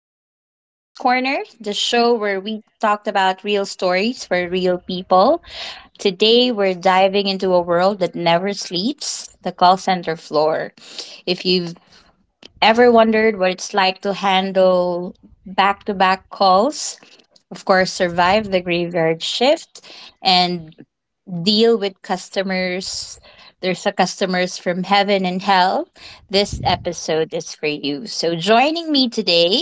to Pink's Corner, the show where we talked about real stories for real people. Today, we're diving into a world that never sleeps, the call center floor. If you've ever wondered what it's like to handle back to back calls, of course, survive the graveyard shift and deal with customers. There's a customers from heaven and hell. This episode is for you. So joining me today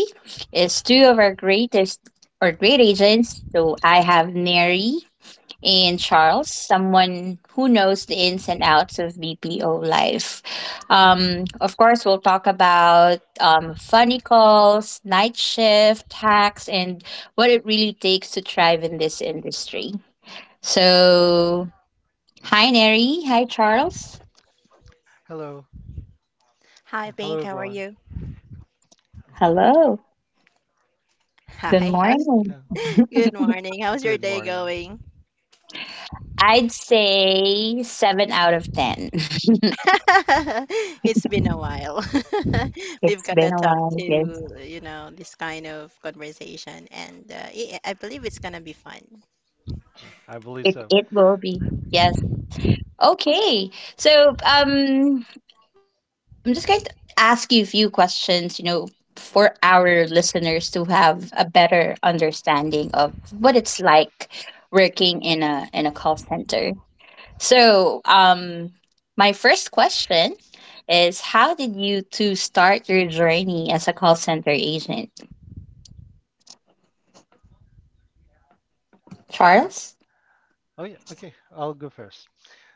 is two of our greatest or great agents. So I have Mary and Charles, someone who knows the ins and outs of BPO life. Of course, we'll talk about funny calls, night shift hacks, and what it really takes to thrive in this industry. So, hi, Neri. Hi, Charles. Hello. Hi, Hello, Pink. How are everyone. you? Hello. Good Hi. How's Uh, morning. Good morning. How's your Good day morning. going? I'd say seven out of 10. It's It's been a while. We've got to been a talk while. Yes. to, you know, this kind of conversation, and I believe it's gonna be fun. I believe It, so. it will be. Yes. Okay. So, um, I'm just going to ask you a few questions, you know, for our listeners to have a better understanding of what it's like working in a call center. So, um, my first question is how did you two start your journey as a call center agent, Uh, Charles? oh, yeah. Okay. I'll go first.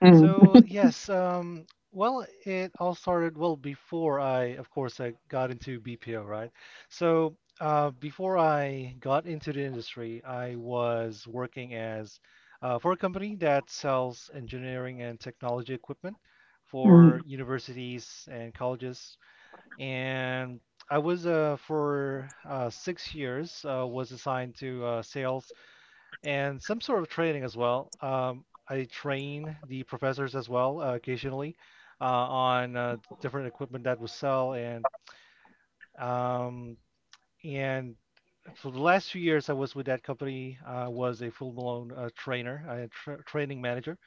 Mm, So, yes, well, it all started, well, before I, of course, I got into BPO, right? So, before I got into the industry, I was working as for a company that sells engineering and technology equipment mm, for universities and colleges, and I was for 6 years was assigned to sales and some sort of training as well. I train the professors as well, occasionally, on different equipment that we sell. And um, and for the last few years I was with that company, I was a full-blown trainer, a training manager.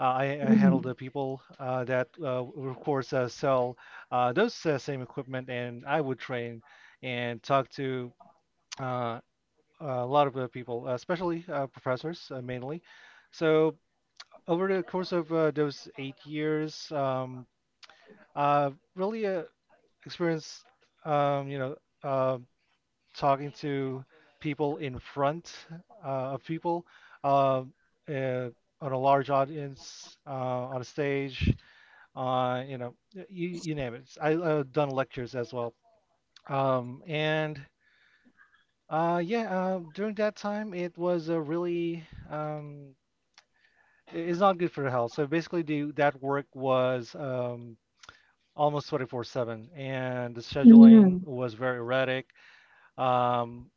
I handle mm, the people that of course, sell those same equipment, and I would train and talk to uh, a lot of people, especially professors, mainly. So over the course of those 8 years, I've really experienced, um, you know, uh, talking to people in front of people, uh, uh, on a large audience, on a stage. Uh, you know, you, you name it. I've done lectures as well. Um, and yeah, During that time, it was a really, um, it's not good for the health. So basically, that work was almost 24/7, and the mm, scheduling was very erratic. Um,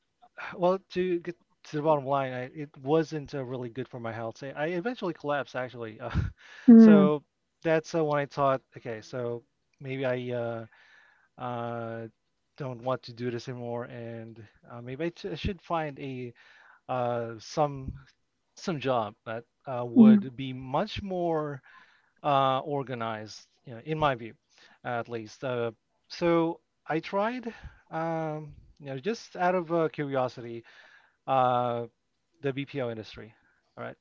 well, to get to the bottom line, it wasn't really good for my health, so I eventually collapsed, actually. Mm, so that's when I thought, okay, so maybe I. uh, don't want to do this anymore, and maybe I should find a uh, some some job that mm, would be much more organized, you know, in my view, at least. So I tried, um, you know, just out of curiosity, uh, the BPO industry. All right.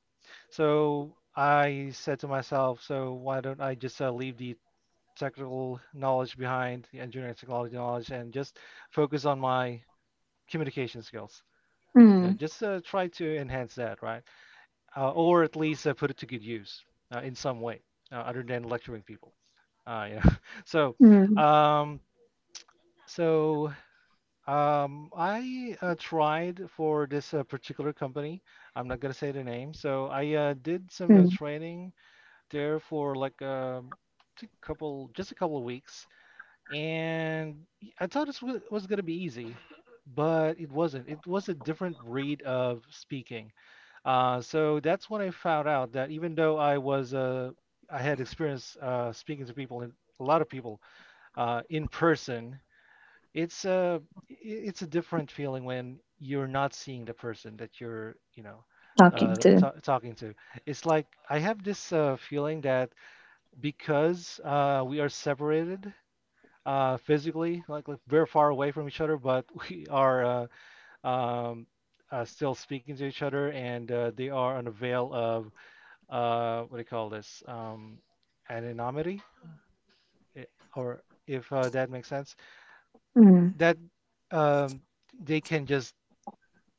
So I said to myself, so why don't I just leave the technical knowledge, behind the engineering technology knowledge, and just focus on my communication skills. You know, mm, just try to enhance that, right? Or at least put it to good use in some way, other than lecturing people. Yeah. So, mm, um, so I tried for this particular company. I'm not gonna say the name. So I did some mm. training there for just a couple of weeks, and I thought it was going to be easy, but it wasn't. It was a different breed of speaking. So that's when I found out that, even though I was I had experience speaking to people in a lot of people in person, it's a it's a different feeling when you're not seeing the person that you're you know Talking to. ta talking to. It's like I have this feeling that, because we are separated physically, like very far away from each other, but we are uh, um, still speaking to each other, and they are on a veil of, what do you call this? Anonymity, i- or, if that makes sense, that, um, they can just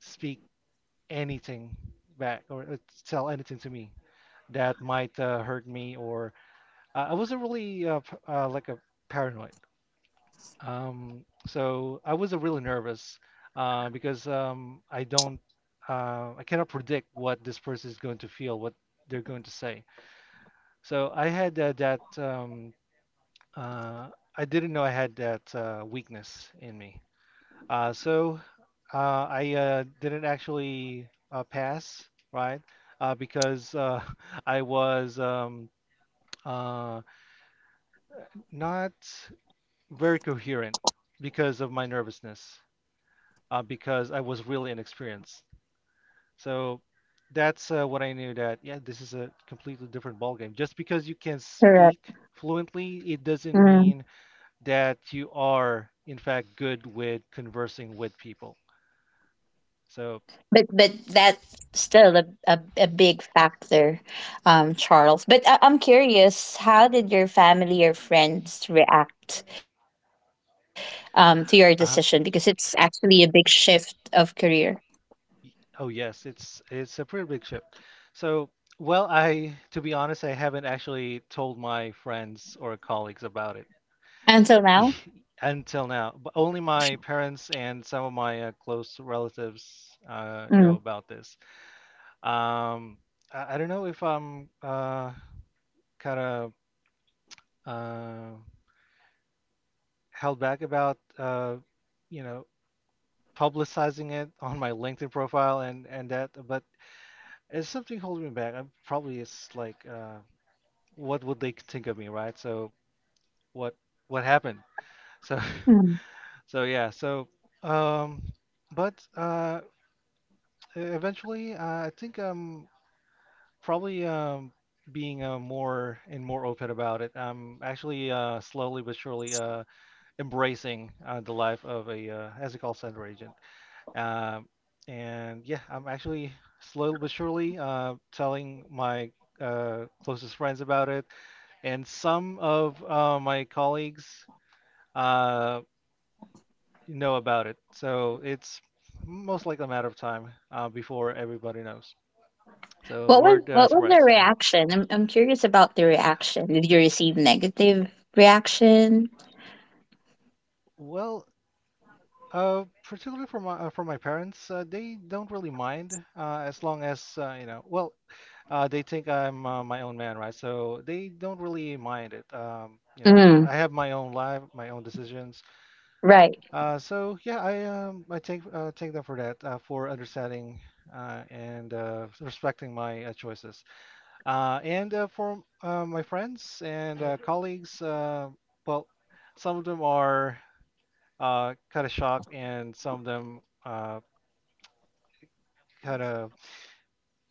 speak anything back or tell anything to me that might hurt me, or I wasn't really p- like a paranoid. So I was really nervous because I cannot predict what this person is going to feel, what they're going to say. So I had uh, I didn't know I had that weakness in me. So I didn't actually pass, right? Because, I was uh, not very coherent because of my nervousness, because I was really inexperienced. So that's what I knew, that, yeah, this is a completely different ballgame. Just because you can Correct. speak fluently, it doesn't Mm. mean that you are, in fact, good with conversing with people. So, But that's still a big factor, Charles. But I'm curious, how did your family or friends react to your decision? Because it's uh-huh. actually a big shift of career Y- Oh, yes, it's a pretty big shift. So, well, I to be honest, I haven't actually told my friends or colleagues about it. until now. Until now. But only my parents and some of my close relatives know Mm. about this. Um, I don't know if I'm kind of uh, held back about, you know, publicizing it on my LinkedIn profile, and that, but it's something holding me back. I'm probably, it's like, what would they think of me, right? So what what happened? So Mm. so yeah. Um, but uh, Eventually, I think, probably, being more and more open about it. I'm actually slowly but surely embracing the life of a as a call center agent. Um, and yeah, I'm actually slowly but surely telling my closest friends about it, and some of my colleagues uh, know about it. So it's most likely a matter of time before everybody knows. So word What was spreads. the Yeah. reaction? I'm curious about the reaction. Did you receive negative reaction? Well, particularly for my parents, they don't really mind, as long as, you know. Well, they think I'm my own man, right? So they don't really mind it. You know, Mm. I have my own life, my own decisions. Right. So I take, take them for that, for understanding and respecting my choices. And for my friends and colleagues, well, some of them are kind of shocked, and some of them kind of,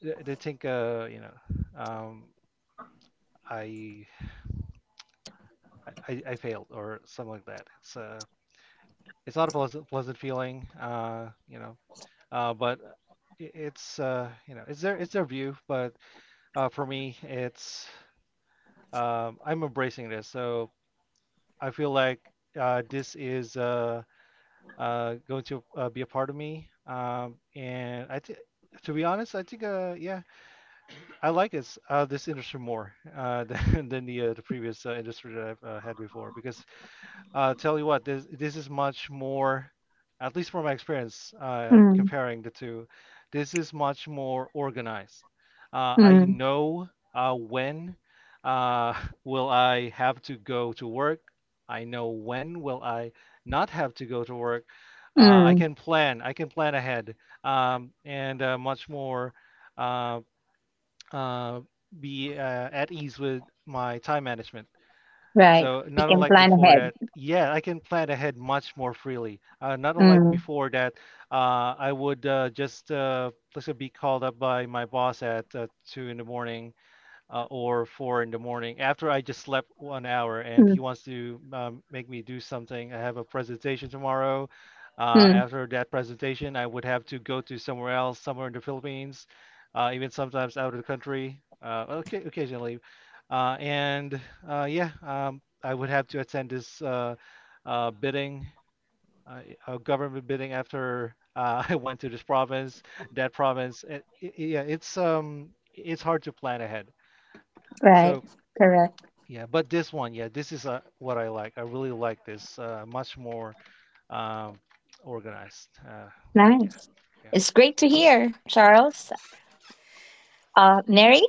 they think, uh, you know um, I, I I failed or something like that. It's not a pleasant feeling, you know, but it's, you know, it's their, it's their view, but for me it's, I'm embracing this, so I feel like, this is going to be a part of me. And I think, to be honest, I think, yeah, I like this this industry more, than the previous industry that I've had before, because, tell you what, this is much more, at least from my experience, Mm. comparing the two, this is much more organized. I Mm. know when uh, will I have to go to work. I know when will I not have to go to work. uh, I Mm. can plan I can plan ahead, and much more um, uh, be at ease with my time management. Right. So, You not can unlike plan before ahead. that, yeah, I can plan ahead much more freely. Not unlike Mm. before that, I would just let's say be called up by my boss at two in the morning or four in the morning after I just slept 1 hour, and he wants to make me do something. I have a presentation tomorrow. Mm. After that presentation, I would have to go to somewhere else, somewhere in the Philippines, even sometimes out of the country, okay, occasionally. Uh, and yeah, I would have to attend this bidding, uh, government bidding after I went to this province, that province. Yeah, it's hard to plan ahead. Right. So Correct. yeah, but this one, yeah, this is what I like. I really like this. Much more, um, organized. Yeah, Nice. yeah, It's great to hear, Charles. Mary,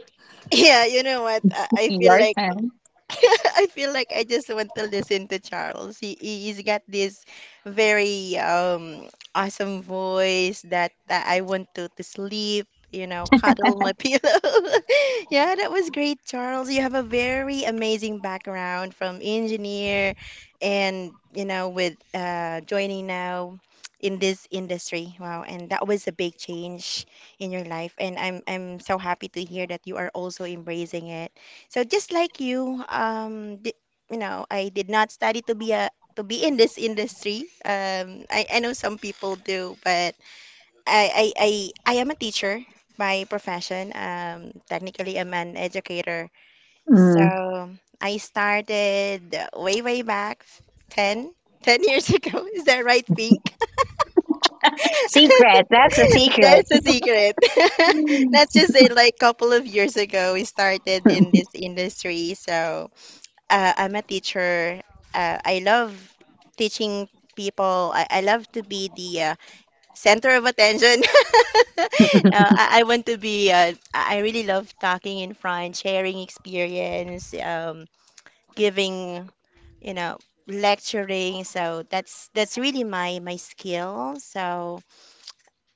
Yeah, you know what? I feel your like turn. I feel like I just want to listen to Charles. He has got this very awesome voice that, that I want to sleep, you know, cuddle my pillow. Yeah, that was great, Charles. You have a very amazing background from engineer, and you know with joining now in this industry. Wow, and that was a big change in your life, and I'm so happy to hear that you are also embracing it. So just like you, you know, I did not study to be a to be in this industry. I know some people do, but I, I, I, I am a teacher by profession. Technically, I'm an educator. Mm. So I started way, way back 10 10 years ago. Is that right, Pink? Secret. That's a secret. That's a secret. Let's just say like couple of years ago, we started in this industry. So I'm a teacher. I love teaching people. I love to be the center of attention. I want to be, I really love talking in front, sharing experience, giving, you know, lecturing. So that's really my skill. So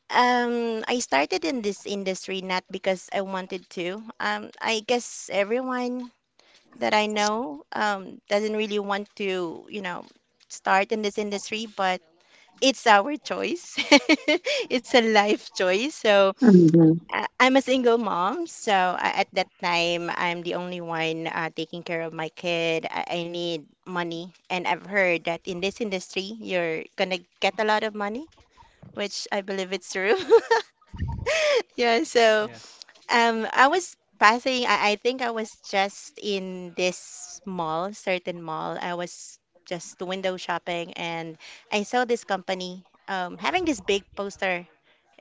I started in this industry not because I wanted to. I guess everyone that I know doesn't really want to, you know, start in this industry, but it's our choice. It's a life choice. So Mhm. I'm a single mom. So I, at that time, I'm the only one taking care of my kid. I need money. And I've heard that in this industry, you're going to get a lot of money, which I believe it's true. Yeah, so yeah. I was passing, I think I was just in this mall, certain mall. I was just window shopping, and I saw this company having this big poster,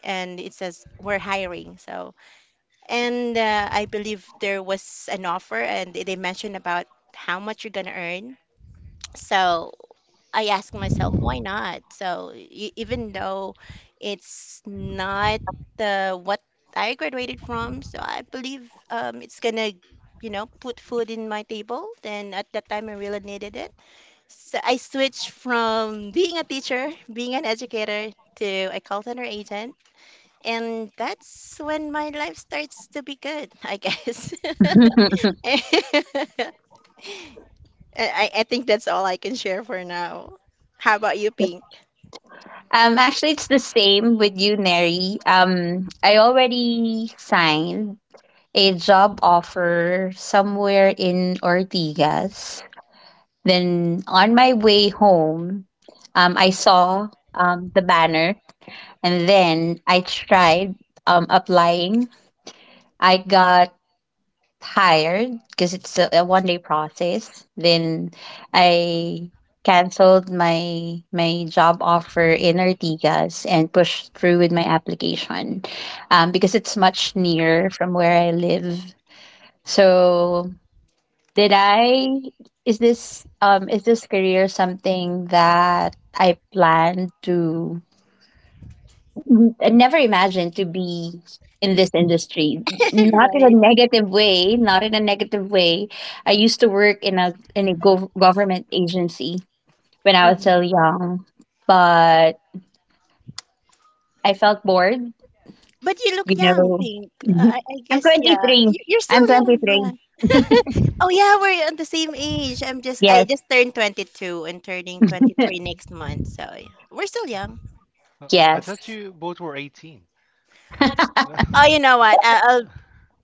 and it says, "We're hiring." So, and I believe there was an offer and they mentioned about how much you're gonna earn. So I ask myself, why not? So even though it's not the what I graduated from, so I believe it's gonna, you know, put food in my table. Then at that time, I really needed it. So I switched from being a teacher, being an educator, to a call center agent, and that's when my life starts to be good, I guess. um, I, I think that's all I can share for now. How about you, Pink? actually, it's the same with you, Neri. I already signed a job offer somewhere in Ortigas. Then on my way home, I saw the banner, and then I tried applying. I got tired because it's a 1 day process. Then I canceled my job offer in Ortigas and pushed through with my application because it's much nearer from where I live. So did I is this career something that I plan to I never imagined to be in this industry. Not in a Right. negative way, not in a negative way. I used to work in a gov- government agency when I was Mhm. so young, but I felt bored, But you you look young, know. Pink. I I'm guess, yeah. 23. You're I'm still young, yeah. 23. Oh, yeah, we're on the same age. I Yes, just turned 22 and turning 23 next month. So, yeah. We're still young. Oh, I yes. thought you both were 18. Oh, you know what?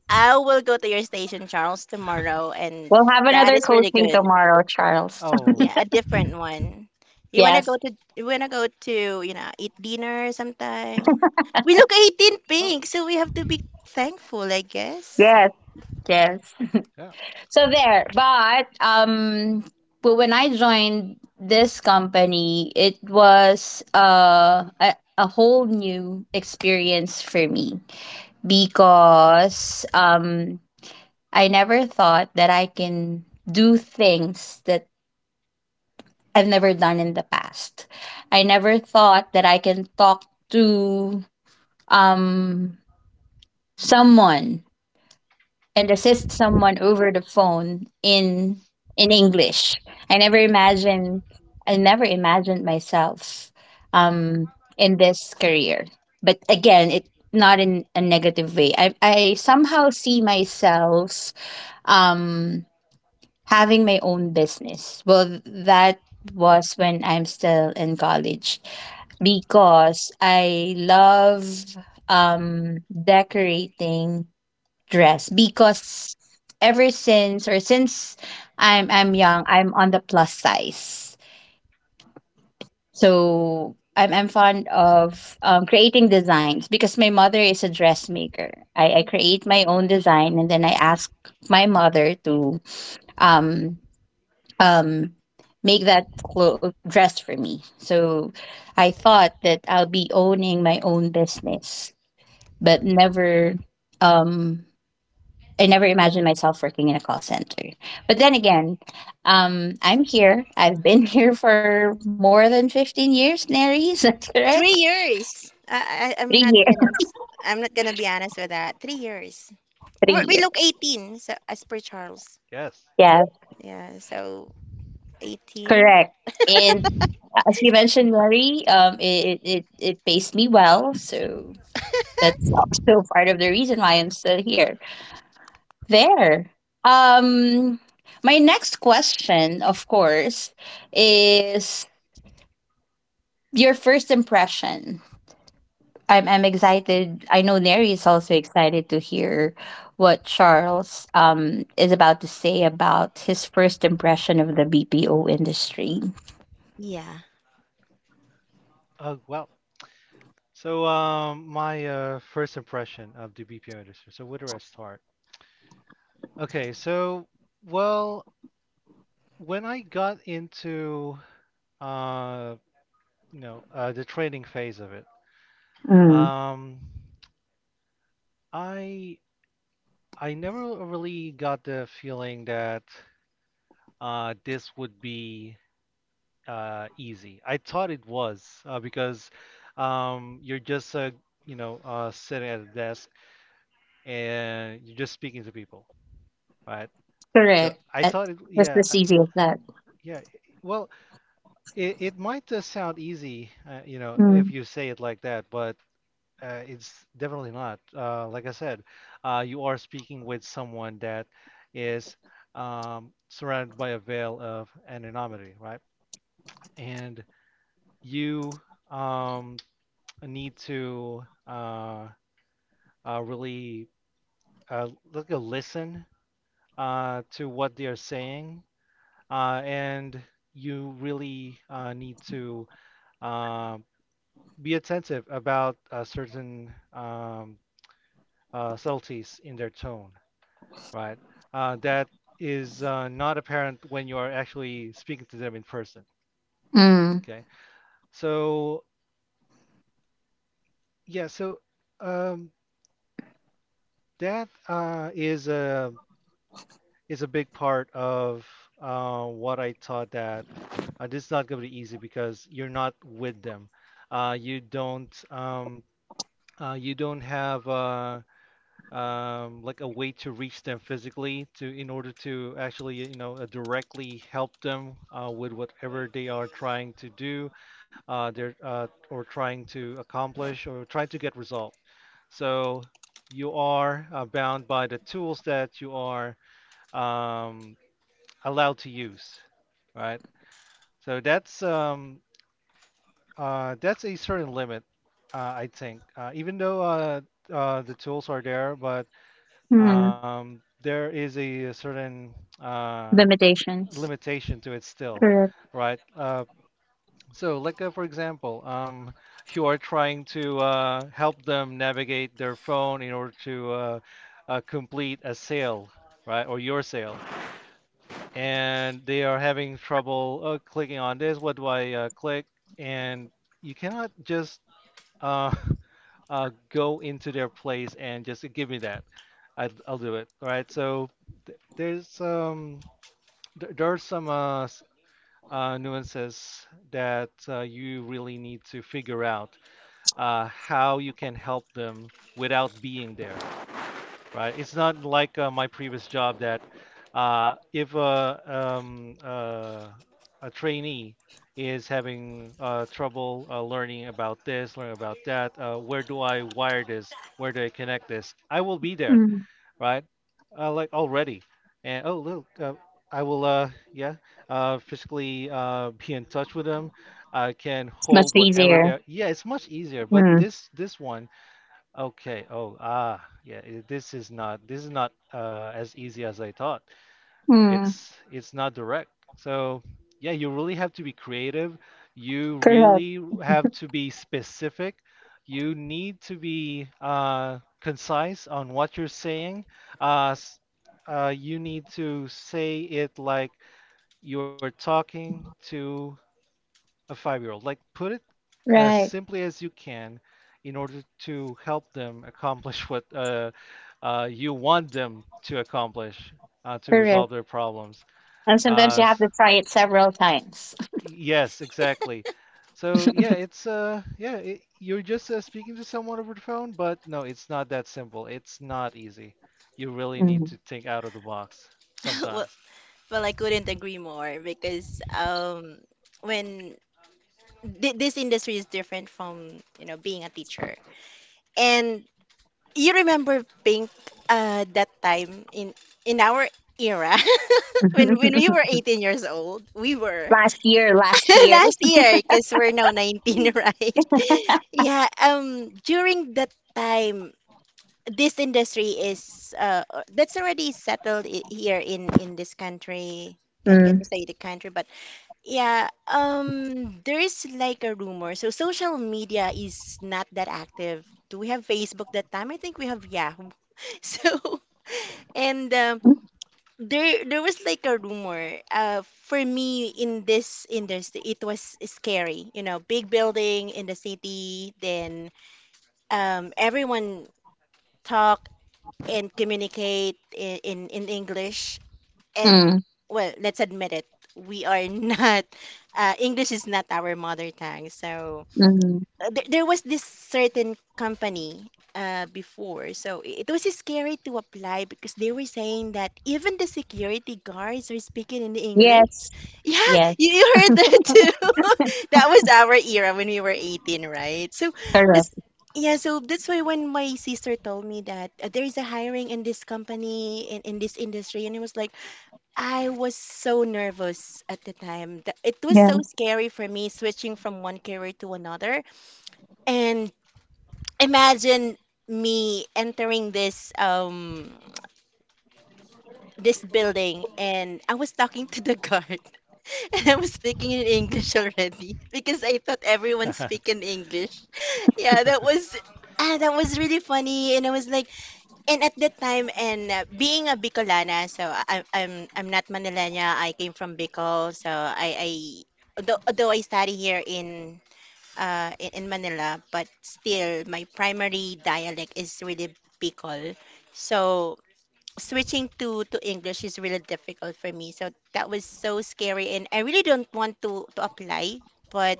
I will go to your station, Charles, tomorrow, and We'll have that another is really coaching good. tomorrow, Charles. Oh, Yeah, a different one. Yes, You wanna go to, you know, eat dinner sometime? We look 18, oh, Pink, so we have to be thankful, I guess. yes, yes. yeah, So there, but when I joined this company, it was a whole new experience for me because I never thought that I can do things that I've never done in the past. I never thought that I can talk to um someone and assist someone over the phone in English. I never imagined I never imagined myself um in this career. But again, it not in a negative way. I somehow see myself um having my own business. Well, that was when I'm still in college because I love decorating dress because ever since or since I'm young, I'm on the plus size. So I'm fond of creating designs because my mother is a dressmaker. I create my own design and then I ask my mother to um um make that clo- dress for me. So I thought that I'll be owning my own business, but never um I never imagined myself working in a call center. But then again, I'm here. I've been here for more than 15 years, Neri. Is that correct? 3 years. Three I'm not years. gonna I'm not gonna be honest with that. 3 years. Three We're, we look years. 18, so as per Charles. yes. Yeah, Yeah, so 18. correct. And as you mentioned, Neri, it, it, it pays me well. So that's also part of the reason why I'm still here. There. Um, my next question, of course, is your first impression. I'm excited. I know Neri is also excited to hear what Charles is about to say about his first impression of the BPO industry. Yeah. Oh, well. So, my first impression of the BPO industry. So, where do I start? Okay, so, well, when I got into, uh, the trading phase of it, Mm. um, I I never really got the feeling that this would be easy. I thought it was because, you're just, sitting at a desk and you're just speaking to people, right? So Correct. I At, thought it, that's yeah, as easy as that. yeah. Well, it might sound easy, you know, if Mm. you say it like that, but it's definitely not. Like I said, you are speaking with someone that is surrounded by a veil of anonymity, right? And you, um, need to really, listen to what they are saying, and you really need to uh, be attentive about certain, subtleties in their tone, right? That is not apparent when you are actually speaking to them in person. Mm. Okay, so yeah, so um, that is a big part of what I taught that this is not going to be easy because you're not with them. Uh, you don't um, you don't have like a way to reach them physically to in order to actually directly help them with whatever they are trying to do they're or trying to accomplish or trying to get resolved, so you are bound by the tools that you are um, allowed to use, right? So that's a certain limit. I think, even though the tools are there, but Mm. There is a certain uh, Limitations. limitation to it still, Correct. right? So, like for example, you are trying to help them navigate their phone in order to complete a sale, right, or your sale, and they are having trouble clicking on this. What do I click? And you cannot just uh, go into their place and just give me that. I'll do it. All right. So th there's th there are some nuances that you really need to figure out how you can help them without being there, right? It's not like my previous job, that if a trainee is having trouble learning about this, learning about that, where do I wire this? Where do I connect this? I will be there, Mm. right? Like, already. And oh, look, I will, yeah, physically be in touch with them. I can It's much hold whatever easier. they're. Yeah, it's much easier. But Mm. this one, okay. Oh, ah, yeah. This is not, this is not as easy as I thought. Mm. It's not direct. So yeah, you really have to be creative. You Correct. really have to be specific. You need to be concise on what you're saying. Uh, s- you need to say it like you're talking to a five-year-old. Like, put it as Right. simply as you can in order to help them accomplish what you want them to accomplish, to resolve Correct. their problems. And sometimes Uh, you have s- to try it several times. yes, exactly. So yeah, you're just speaking to someone over the phone, but no, it's not that simple. It's not easy. You really need Mm. to think out of the box Well, sometimes. well, I couldn't agree more because when th this industry is different from, you know, being a teacher. And you remember Pink that time in our era when we were 18 years old, we were Last year, last year. Last year, because we're now 19, right? Yeah, during that time, this industry is that's already settled here in this country. Can Mm. we say the country? But yeah, there is like a rumor. So social media is not that active. Do we have Facebook that time? I think we have Yahoo. So and there was like a rumor. For me in this industry, it was scary. You know, big building in the city, then everyone talk and communicate in, in English. And Mm. well, let's admit it, we are not. English is not our mother tongue, so Mm. There was this certain company before, so it was scary to apply because they were saying that even the security guards are speaking in English. Yes. Yeah, Yes. you heard that too. That was our era when we were 18, right? So Correct. that's yeah, so that's why when my sister told me that there is a hiring in this company in this industry, and it was like I was so nervous at the time. It was so Yeah. scary for me switching from one career to another. And imagine me entering this this building, and I was talking to the guard and I was speaking in English already because I thought everyone speak in English. Yeah, that was ah, that was really funny, and I was like and at that time and being a Bicolana, so I'm not Manilena. I came from Bicol, so I although I study here in in Manila, but still my primary dialect is really Bicol. So switching to English is really difficult for me. So that was so scary, and I really don't want to apply, but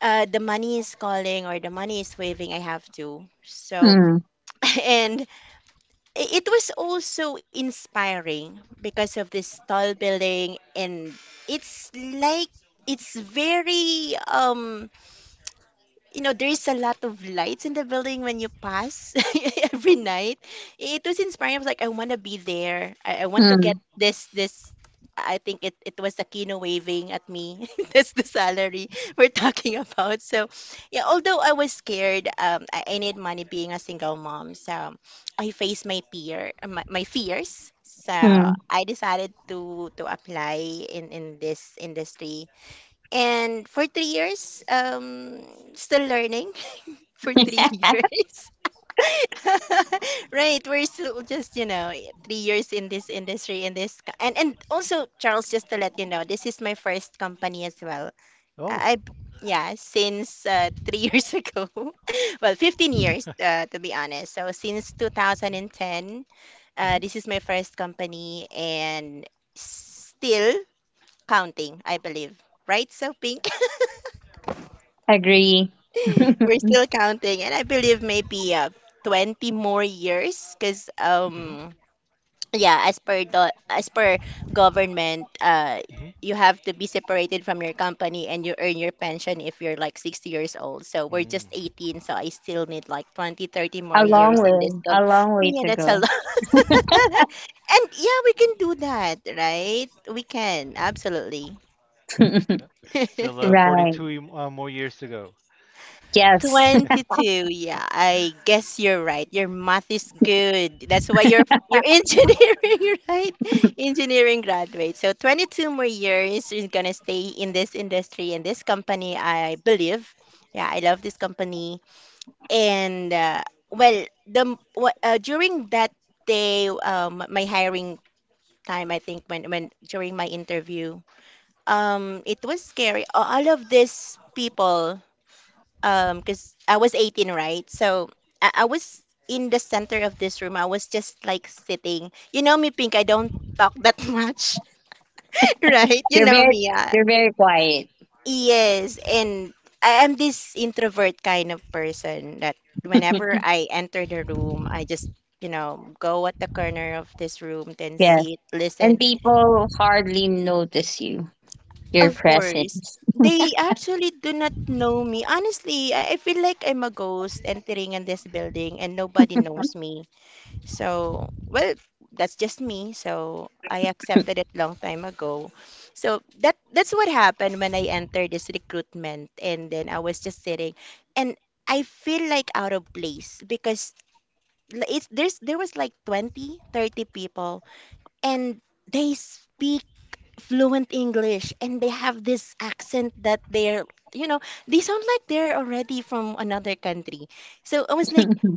the money is calling, or the money is waving. I have to. So Hmm. and it was also inspiring because of this tall building, and it's like it's very you know, there is a lot of lights in the building when you pass every night. It was inspiring. I was like, I want to be there. I want to get Hmm. This. I think it, it was Aquino waving at me. That's the salary we're talking about. So, yeah, although I was scared, I need money being a single mom. So, I faced my fear, my fears. So, Mm. I decided to apply in this industry, and for 3 years, still learning for three years. Right, we're still just, you know, 3 years in this industry, in this, and also Charles, just to let you know, this is my first company as well. Oh. I, I- yeah, since three years ago, well, 15 years to be honest. So since 2010, Mm-hmm. this is my first company and still counting, I believe. Right, so Pink? Agree. We're still counting, and I believe maybe 20 more years because Mm-hmm. Yeah, as per the as per government, Mm-hmm. you have to be separated from your company and you earn your pension if you're like 60 years old. So we're just Mm. 18, so I still need like 20, 30 more A long years Yeah. in this way. A comp. long way Yeah, to that's a go. lot. And yeah, we can do that, right? We can, absolutely. Yep. Still Right. 42 more years to go. Yes. 22. Yeah, I guess you're right. Your math is good. That's why you're engineering, right? Engineering graduate. So 22 more years is gonna stay in this industry in this company, I believe. Yeah, I love this company. And well, during that day, my hiring time, I think when during my interview, it was scary. All of these people because I was 18, right? So I was in the center of this room. I was just like sitting. You know me, Pink, I don't talk that much, right? You You're know very me. You're very quiet. Yes, and I am this introvert kind of person that whenever I enter the room, I just you know go at the corner of this room then Yes. sit listen And people hardly notice you, your of course presence. they actually do not know me honestly I feel like I'm a ghost entering in this building and nobody knows me. So, well, that's just me. So I accepted it long time ago. So that that's what happened when I entered this recruitment, and then I was just sitting, and I feel like out of place because l- it's there's there was like 20, 30 people, and they speak fluent English, and they have this accent that they're, you know, they sound like they're already from another country. So I was like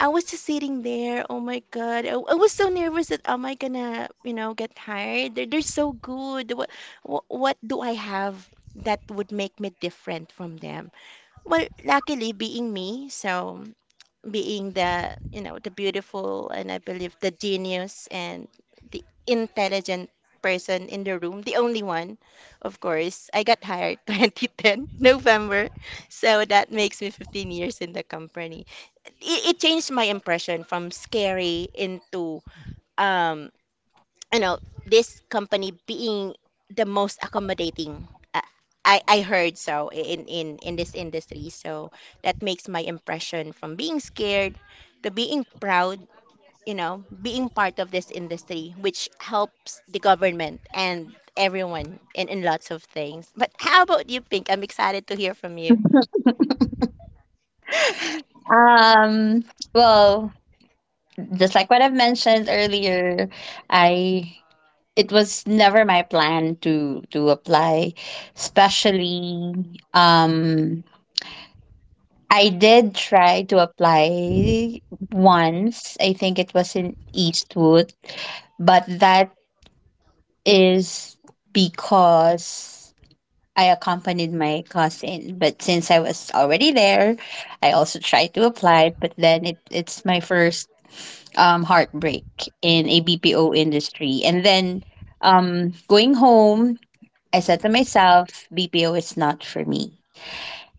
I was just sitting there. Oh my God. I was so nervous that am I gonna, you know, get tired? They're so good. What do I have that would make me different from them? Well, luckily being me, so being the, the beautiful and I believe the genius and the intelligent person in the room, the only one, of course, I got hired 2010 November. So that makes me 15 years in the company. It changed my impression from scary into um you know this company being the most accommodating. uh, I heard so in this industry, so that makes my impression from being scared to being proud, you know, being part of this industry which helps the government and everyone in lots of things. But how about you, Pink? I'm excited to hear from you. um well, just like what I've mentioned earlier, I it was never my plan to apply, especially um I did try to apply once. I think it was in Eastwood, but that is because I accompanied my cousin. But since I was already there, I also tried to apply, but then it's my first heartbreak in a BPO industry. And then going home, I said to myself, BPO is not for me.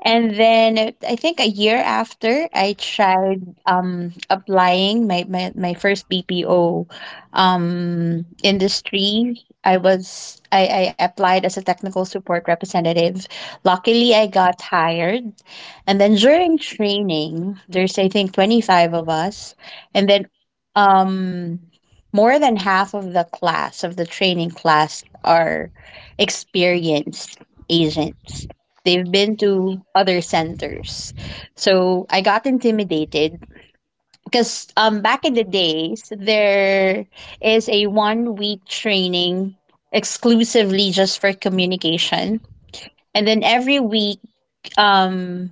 And then I think a year after, I tried applying my first BPO industry. I was I applied as a technical support representative. Luckily, I got hired. And then during training, there's I think 25 of us, and then um, more than half of the class of the training class are experienced agents. They've been to other centers. So I got intimidated because back in the days there is a 1 week training exclusively just for communication. And then um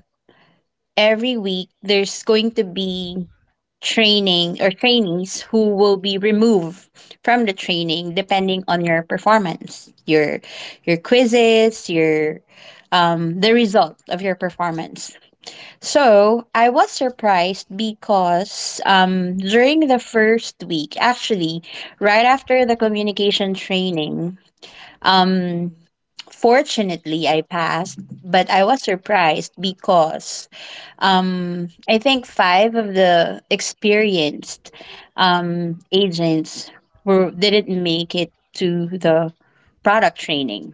every week there's going to be training or trainees who will be removed from the training depending on your performance your quizzes your the result of your performance. So I was surprised because during the first week, actually, right after the communication training, um, fortunately I passed, but I was surprised because I think five of the experienced agents were didn't make it to the product training.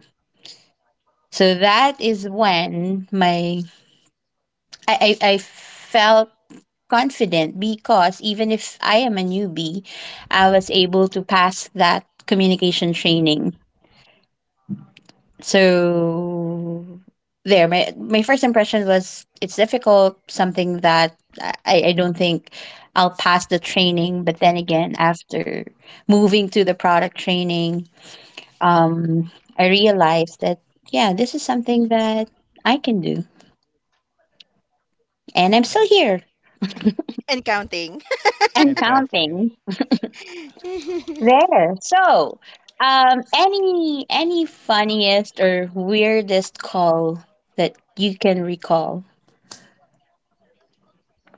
So that is when my I felt confident because even if I am a newbie, I was able to pass that communication training. So there, my first impression was it's difficult, something that I don't think I'll pass the training. But then again, after moving to the product training, um, I realized that yeah, this is something that I can do. And I'm still here And counting. and And counting. Yeah. counting. There. So, any funniest or weirdest call that you can recall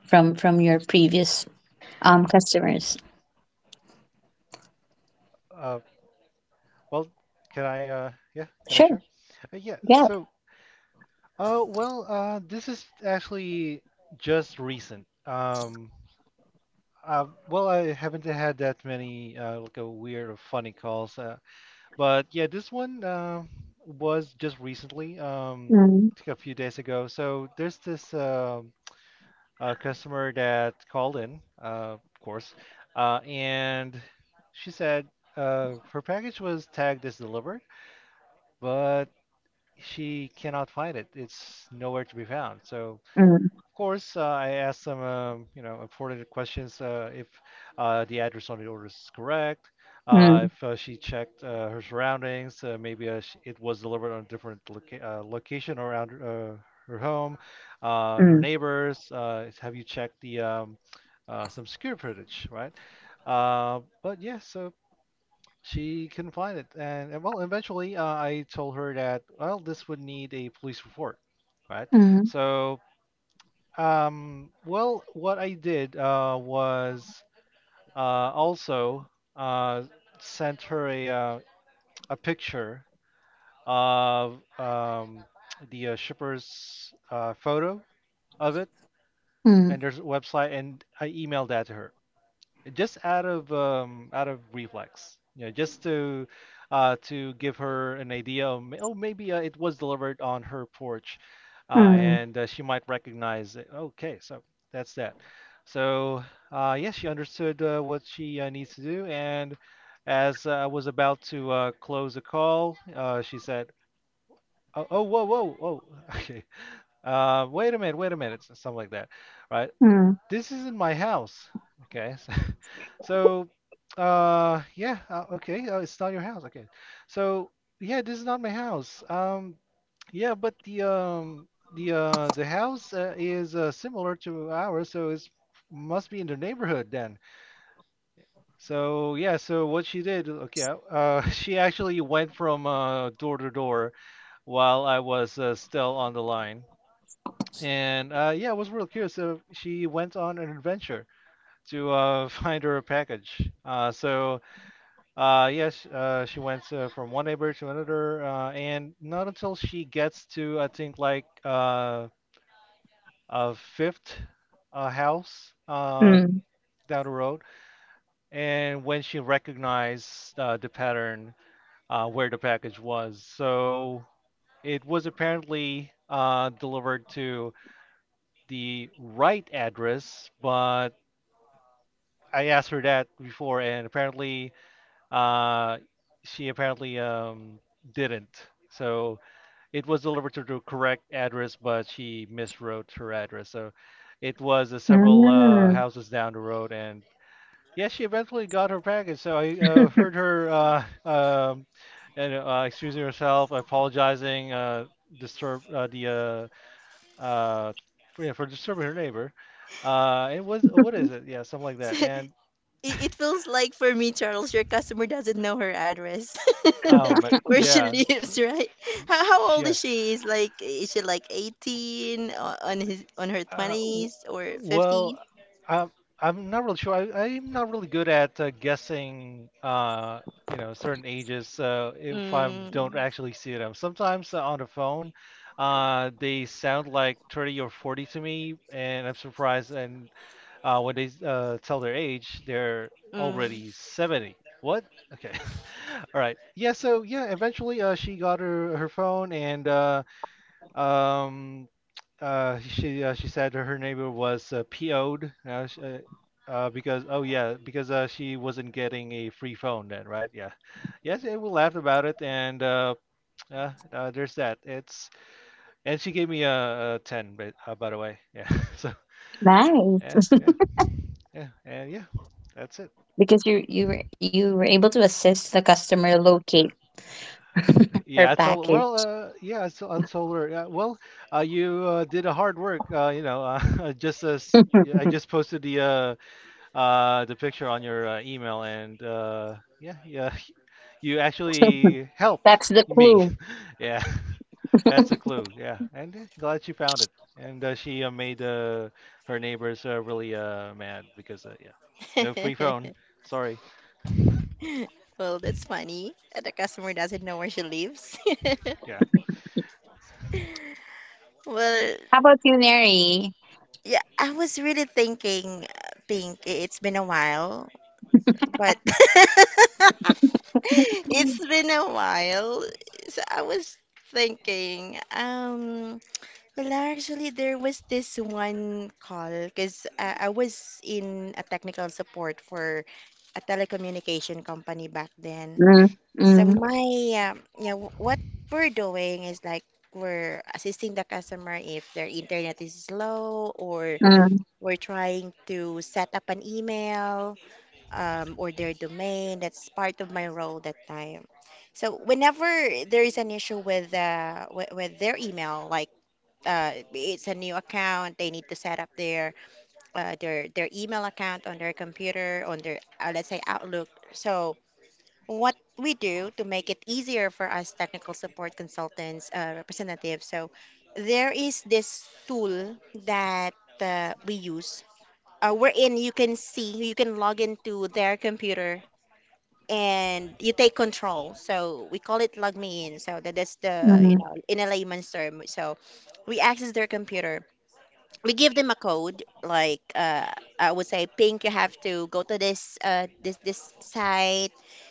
from your previous customers? Uh, well, can I Sure. share? Yeah, Yeah. so well, this is actually just recent. Well, I haven't had that many like a weird or funny calls, but yeah, this one was just recently, Mm, like a few days ago. So there's this customer that called in, of course, and she said her package was tagged as delivered, but she cannot find it. It's nowhere to be found. So, mm, course, I asked some, you know, important questions, if the address on the order is correct, mm, if she checked her surroundings, maybe sh it was delivered on a different location around her home, her mm, neighbors. Have you checked the some security footage, right? But yeah, so she couldn't find it, and well, eventually I told her that, well, this would need a police report, right? mm, So well, what I did was also uh, sent her a picture of the shipper's photo of it, and mm, there's a website, and I emailed that to her. Just out of reflex, you know, just to give her an idea of oh, maybe it was delivered on her porch, mm, and she might recognize it. Okay, so that's that. So yes, she understood what she needs to do, and as I was about to close the call, she said, "Oh, oh, whoa, whoa, whoa, okay. Wait a minute, wait a minute," something like that, right? mm, This isn't my house. Okay. So, so yeah, okay. It's not your house. Okay. So, yeah, this is not my house. Yeah, but the house is similar to ours, so it's must be in the neighborhood then. So yeah, so what she did, okay, she actually went from door to door while I was still on the line, and yeah, I was real curious. So she went on an adventure to find her a package. So yes, she went from one neighbor to another, and not until she gets to, I think, like a fifth house mm, down the road, and when she recognized the pattern where the package was. So it was apparently delivered to the right address, but, I asked her that before, and apparently uh, she apparently didn't. So it was delivered to the correct address, but she miswrote her address. So it was several mm. houses down the road, and yeah, she eventually got her package. So I heard her and excusing herself, apologizing, disturb the uh, uh, for, yeah, for disturbing her neighbor. It was, what is it? Yeah, something like So, that. And it feels like for me, Charles, your customer doesn't know her address, um, where she yeah, so, lives, right? How old yeah. is she? Is like is she like 18 on his on her Uh, w- 20s or well, 50s? I'm I'm not really sure. I'm not really good at guessing, you know, certain ages. So if I don't Mm, actually see them, sometimes on the phone, they sound like 30 or 40 to me, and I'm surprised. And when they tell their age, they're mm. already 70. What? Okay. All right. Yeah. So yeah, eventually, she got her her phone, and um, she said her neighbor was PO'd, because, oh yeah, because she wasn't getting a free phone then, right? Yeah, yes, yeah, we laughed about it, and yeah, there's that. It's, and she gave me a ten, but by the way, yeah. So Nice. yeah, yeah, yeah. And yeah, that's it. Because you you were able to assist the customer locate Yeah, her I told, package. well, yeah, I told her, yeah, well, you did a hard work, you know, I just as, yeah, I just posted the picture on your email, and yeah, yeah, you actually helped That's the me. clue. Yeah, that's a clue. Yeah, and eh, glad she found it. And she made her neighbors really mad because yeah, no free phone. Sorry. Well, that's funny that the customer doesn't know where she lives. Yeah. Well, How about you, Neri? yeah, I was really thinking, Pink, it's been a while. But it's been a while. So I was thinking, well, actually, there was this one call because I was in a technical support for a telecommunication company back then. Mm, So my, mm, yeah, what we're doing is like we're assisting the customer if their internet is slow or mm, we're trying to set up an email or their domain. That's part of my role that time. So whenever there is an issue with, their email, like it's a new account, they need to set up their email account on their computer, on their let's say Outlook. So what we do to make it easier for us technical support consultants, representatives. So there is this tool that we use, wherein you can see you can log into their computer and you take control. So we call it log me in. So that is the, you mm. know, in a layman's term. So we access their computer. We give them a code, like I would say, Pink, you have to go to this this this site.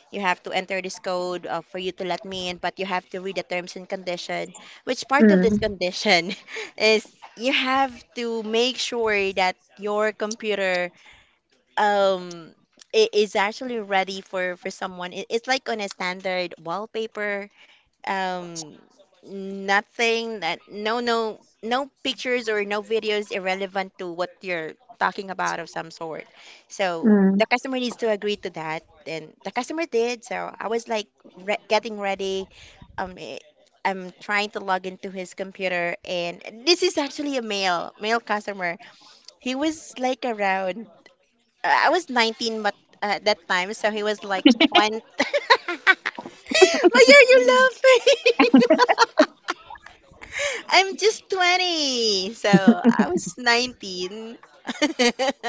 You have to enter this code for you to let me in, but you have to read the terms and condition. Which part of this Mm, condition is you have to make sure that your computer um i- actually ready for someone. It's like on a standard wallpaper. Um, nothing that no no no pictures or no videos irrelevant to what you're talking about of some sort. So mm. the customer needs to agree to that, and the customer did. So I was like re getting ready. Um, i- I'm trying to log into his computer, and this is actually a male customer. He was like around I was 19, but at that time, so he was like 20. Why are you laughing? I'm just 20. So I was 19.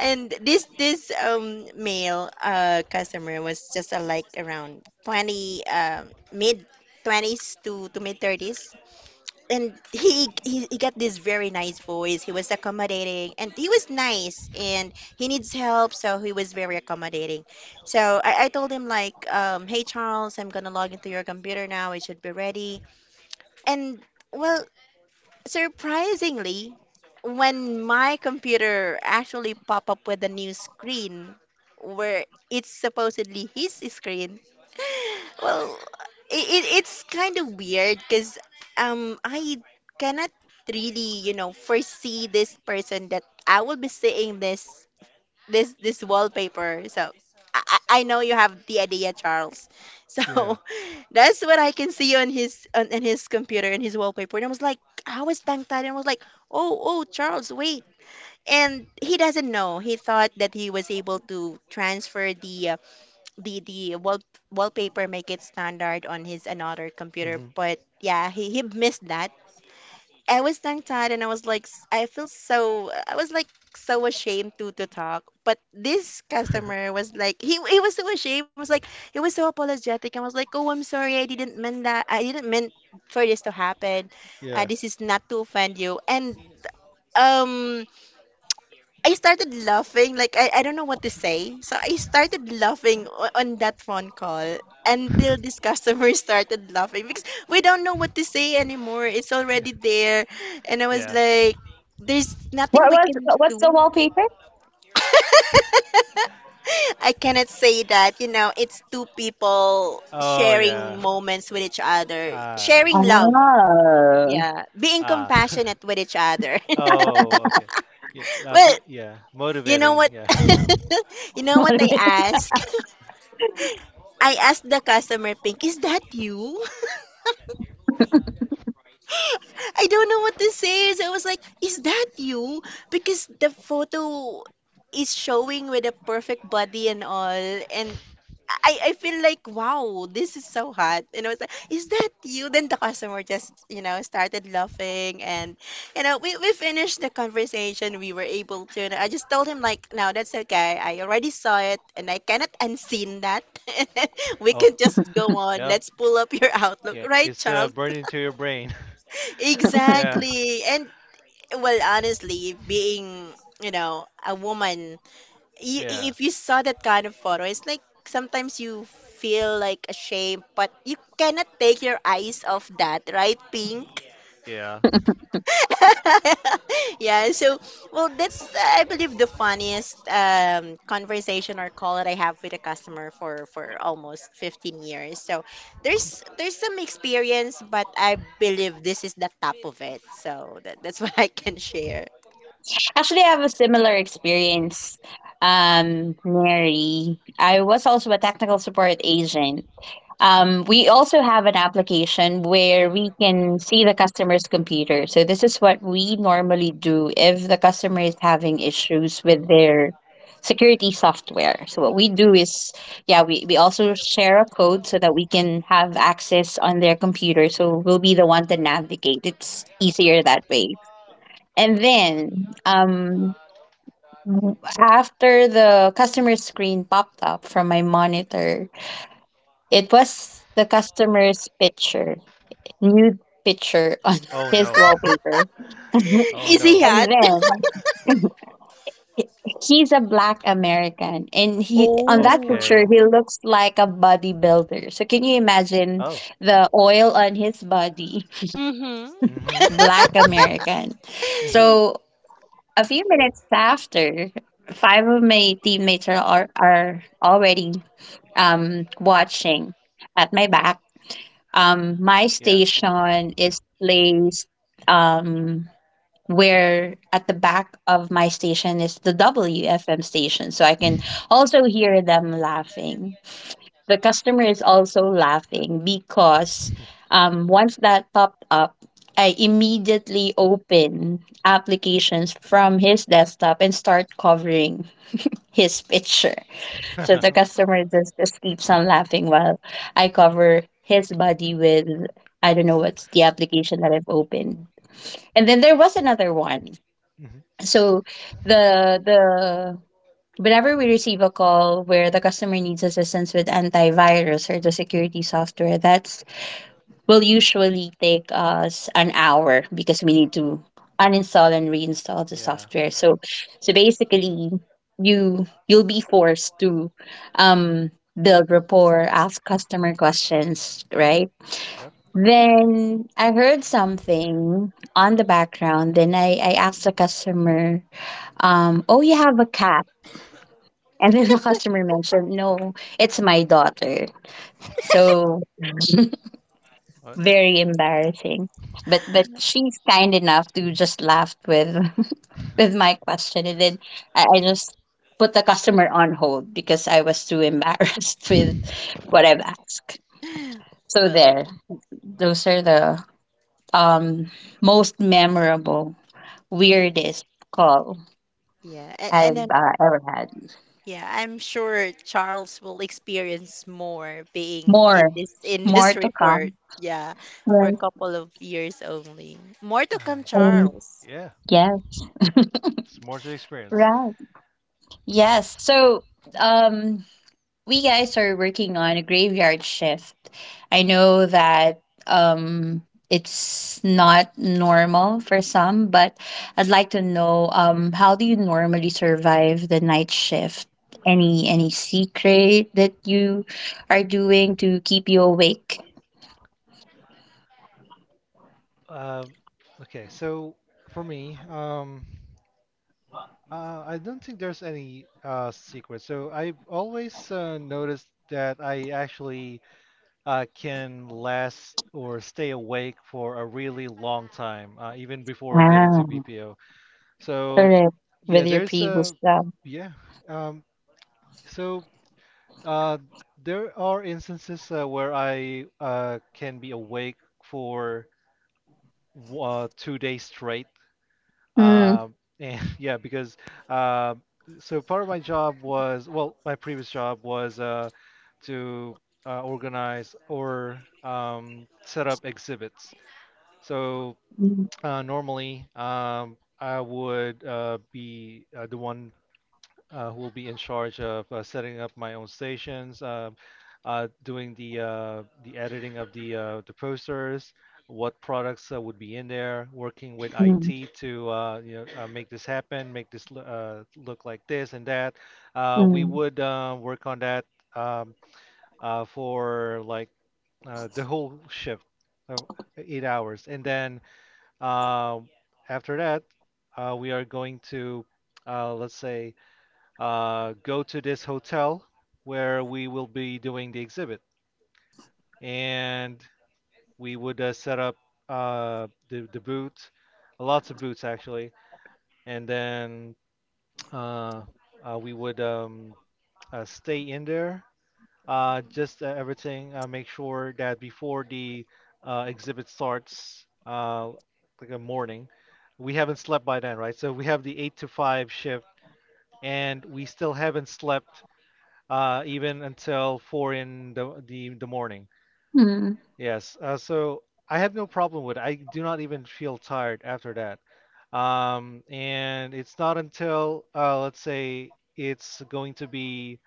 And this male customer was just like around 20, mid 20s to mid 30s, and he he got this very nice voice. He was accommodating and he was nice and he needs help, so he was very accommodating. So I told him like, hey Charles, I'm gonna log into your computer now. It should be ready. And well, surprisingly, when my computer actually pop up with a new screen where it's supposedly his screen, well, it's kind of weird because I cannot really, you know, foresee this person that I will be seeing this wallpaper. So I know you have the idea, Charles. So Yeah. that's what I can see on his on his computer and his wallpaper. And I was like, I was tongue-tied and I was like, oh Charles, wait. And he doesn't know. He thought that he was able to transfer the the the wall wallpaper, make it standard on his another computer, Hmm. but yeah, he missed that. I was tongue tied and I was like I feel so I was like so ashamed to talk. But this customer was like he was so ashamed, was like he was so apologetic and was like oh I'm sorry I didn't mean that I didn't mean for this to happen. Yeah. This is not to offend you. And um I started laughing. Like, I don't know what to say. So I started laughing on that phone call until this customer started laughing because we don't know what to say anymore. It's already there. And I was Yeah. like, there's nothing we can What was the do. wallpaper? I cannot say that, you know, it's two people Oh sharing yeah. moments with each other, Ah, I sharing see. love. Ah. Yeah, being Ah. compassionate with each other. Oh, okay. Yeah. Well, Yeah. you know Motivating. what? Yeah. You know What what I am I- ask? I asked the customer, Pink, is that you? I don't know what this is. I was like, is that you? Because the photo is showing with a perfect body and all. And I feel like, wow, this is so hot. And I was like, is that you? Then the customer just, you know, started laughing. And, you know, we finished the conversation. We were able to. And I just told him, like, no, that's okay. I already saw it and I cannot unseen that. We Oh. can just go on. Yeah. Let's pull up your Outlook, Yeah, right, it's Charles? burned into your brain. Yeah, Exactly. And well, honestly, being, you know, a woman, you, yeah, if you saw that kind of photo, it's like sometimes you feel like ashamed, but you cannot take your eyes off that, right, Pink? yeah. yeah so well that's I believe the funniest conversation or call that I have with a customer for almost 15 years. So there's some experience, but I believe this is the top of it. So that's what I can share. Actually, I have a similar experience, Mary. I was also a technical support agent. We also have an application where we can see the customer's computer. So this is what we normally do if the customer is having issues with their security software. So what we do is, yeah, we also share a code so that we can have access on their computer. So we'll be the one to navigate. It's easier that way. And then after the customer screen popped up from my monitor, it was the customer's picture, nude picture on Oh his no. wallpaper. Oh Easy no. And hat. then he's a black American and he on that Oh. picture Okay. he looks like a bodybuilder. So can you imagine Oh. the oil on his body? Mm-hmm. Mm-hmm. Black American. Mm-hmm. So a few minutes after, five of my teammates are already watching at my back. My Yeah. station is placed um, where at the back of my station is the WFM station. So I can also hear them laughing. The customer is also laughing because once that popped up, I immediately open applications from his desktop and start covering his picture. So the Mhm. customer just, keeps on laughing while I cover his body with I don't know what's the application that I've opened. And then there was another one. So the whenever we receive a call where the customer needs assistance with antivirus or the security software, that's will usually take us an hour because we need to uninstall and reinstall the Yeah. software. So so basically you you'll be forced to um build rapport, ask customer questions, right? Yep. Then I heard something on the background. Then I asked the customer, oh, you have a cat. And then the customer mentioned, no, it's my daughter. So What? very embarrassing. But she's kind enough to just laugh with with my question and then I just put the customer on hold because I was too embarrassed with what I've asked. So Well. there. Those are the um most memorable, weirdest call yeah and, I've and uh, ever had. yeah, I'm sure Charles will experience more being in More this more to industry for, come. yeah, for a Yes. couple of years only. More Uh, to come, um, Charles. yeah. yes. It's more to experience. Right. Yes. So um we guys are working on a graveyard shift. I know that um it's not normal for some, but I'd like to know how do you normally survive the night shift? Any secret that you are doing to keep you awake? Um, okay. So for me, I don't think there's any secret. So I've always noticed that I actually can last or stay awake for a really long time, even before getting Ah, to BPO. So, correct. yeah, With your there's previous a job. yeah. Um, so uh, there are instances where I can be awake for 2 days straight, Mm. um, and yeah, because uh, so part of my job was, well, my previous job was to organize or set up exhibits. So Mm. Normally, I would be the one who will be in charge of setting up my own stations, doing the editing of the posters, what products would be in there, working with Mm. IT to you know, make this happen, make this look like this and that. We Mm. would work on that um, for like the whole shift, uh, 8 hours, and then uh, after that, we are going to, let's say, go to this hotel where we will be doing the exhibit. And we would set up the booth, lots of booths actually. And then uh, we would stay in there. Just everything, make sure that before the exhibit starts, like a morning, we haven't slept by then, right? So we have the 8 to 5 shift and we still haven't slept even until four in the the morning. Mm. Yes, so I have no problem with it. I do not even feel tired after that. And it's not until, let's say, it's going to be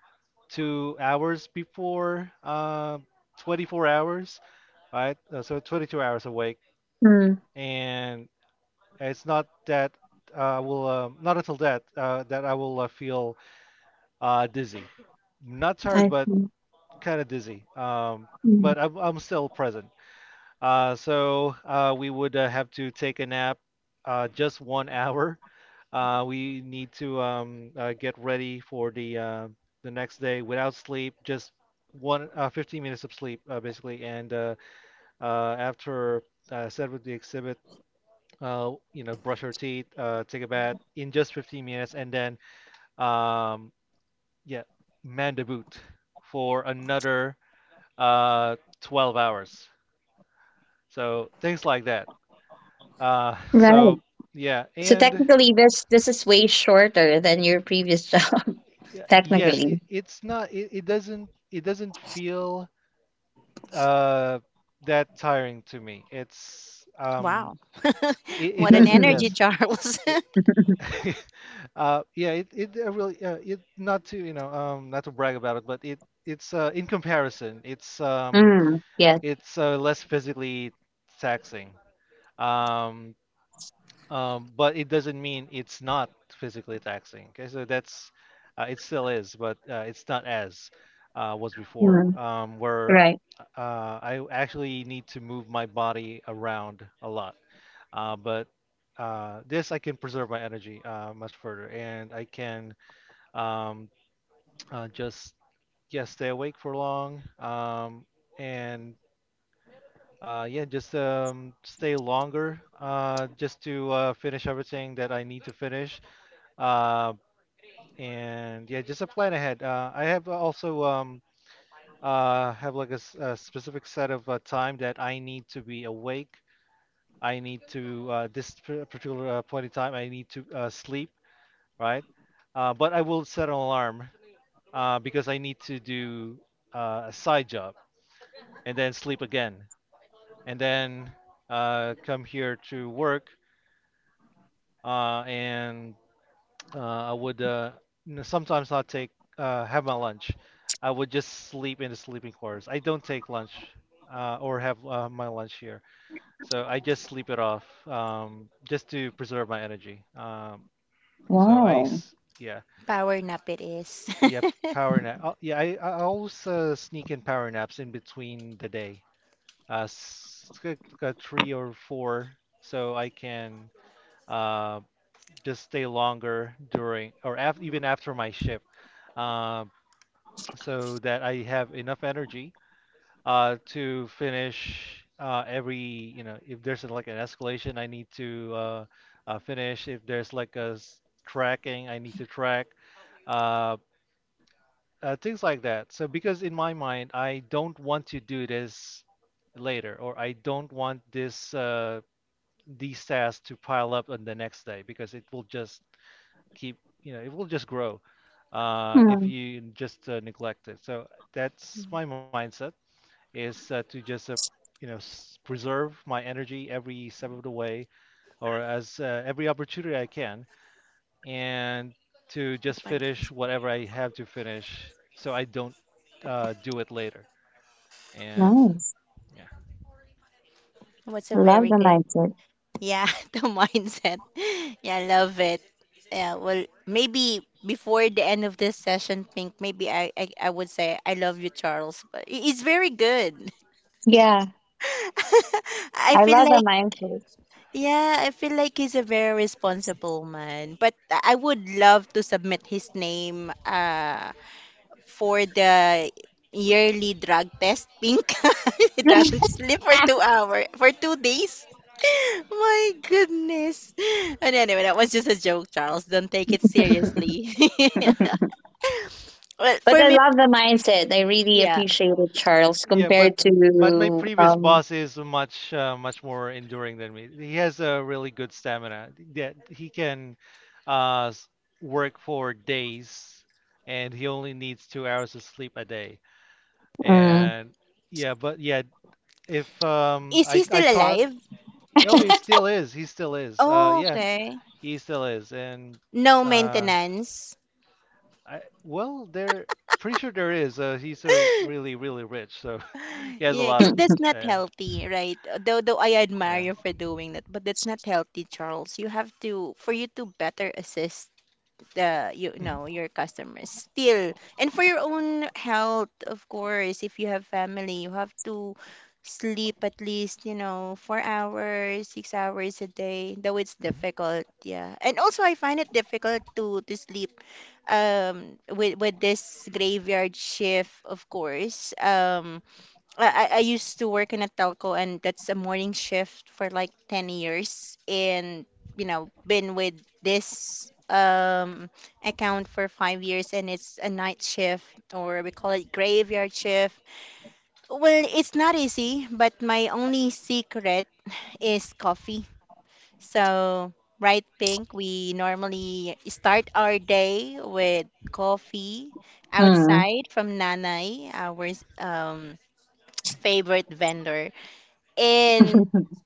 2 hours before 24 hours, right? So 22 hours awake, Mm. and it's not that, will not until that, that I will feel dizzy. Not tired, I but see. kind of dizzy, Mm. but I'm still present. So we would have to take a nap, just 1 hour. We need to get ready for the next day without sleep, just one 15 minutes of sleep, basically, and after, set with the exhibit. Brush our teeth, take a bath in just 15 minutes, and then, um, yeah, man the boot for another uh, 12 hours. So things like that. Right. So yeah, So and technically, this is way shorter than your previous job. yeah, yes, technically. it's not. It doesn't. It doesn't feel uh, that tiring to me. Wow. It What an doesn't. energy, Mhm. Yes. Charles. It. Yeah. It really. It Not to, not to brag about it, but it's in comparison. It's um Mm, yes. it's uh, less physically taxing. Um, but it doesn't mean it's not physically taxing. Okay, so that's it still is, but it's not as was before, Mm, where right. I actually need to move my body around a lot. But this, I can preserve my energy much further, and I can um, just, yeah, stay awake for long. And yeah, just stay longer, just to finish everything that I need to finish, uh, and yeah, just a plan ahead. I have also, have like a specific set of time that I need to be awake. I need to, this, particular point in time, I need to sleep, right? But I will set an alarm, because I need to do a side job, and then sleep again, and then come here to work, and I would sometimes not take, have my lunch. I would just sleep in the sleeping quarters. I don't take lunch or have my lunch here, so I just sleep it off, just to preserve my energy. Wow. Yeah, Power nap it is. yeah, power nap. Oh, yeah, I always sneak in power naps in between the day, like, a three or four, so I can uh, just stay longer during or af even after my shift. Um, so that I have enough energy to finish, if there's like an escalation, I need to finish. If there's like a tracking, I need to track, uh, things like that. So, because in my mind, I don't want to do this later, or I don't want this these tasks to pile up on the next day, because it will just keep, it will just grow, if Hmm, you just neglect it. So that's Mm. my mindset, is to just, preserve my energy every step of the way, or as every opportunity I can, and to The just finish podcast. whatever I have to finish, so I don't do it later. And nice. yeah, What's a Love very the good, mindset. yeah, the mindset. Yeah, I love it. Yeah, well, maybe before the end of this session, Pink, maybe I would say I love you, Charles, but it's very good. Yeah, I I feel love the like mindset. yeah, I feel like he's a very responsible man. But I would love to submit his name for the yearly drug test. Pink, he doesn't sleep for two hour for 2 days. My goodness. And anyway, that was just a joke, Charles. Don't take it seriously. Well, but for I me, love the mindset. I really yeah. appreciate it, Charles, yeah, but, compared my to previous boss is much more enduring than me. He has a really good stamina. Yeah, he can uh, s- work for days, and he only needs 2 hours of sleep a day. Mm, And yeah, but yeah, if Is I he I still taught. alive? Oh, he still is. He still is. Oh, Yeah, okay. he still is. And No uh, maintenance. I well, there, pretty sure there is. He's a really, really rich, so he has a Yeah, lot because of. That's mm, not Yeah, healthy, right? Though I admire yeah. you for doing that, but that's not healthy, Charles. You have to, for you to better assist the, you Mhm, know, your customers still, and for your own health, of course. If you have family, you have to sleep at least, you know, 4 hours, 6 hours a day. Though it's mhm, difficult, yeah. And also, I find it difficult to sleep, with this graveyard shift, of course. I used to work in a telco and that's a morning shift for like 10 years, and you know been with this account for 5 years, and it's a night shift or we call it graveyard shift. Well, it's not easy, but my only secret is coffee. So, right, Pink, we normally start our day with coffee mhm. mm, outside from Nanay, our um, favorite vendor. And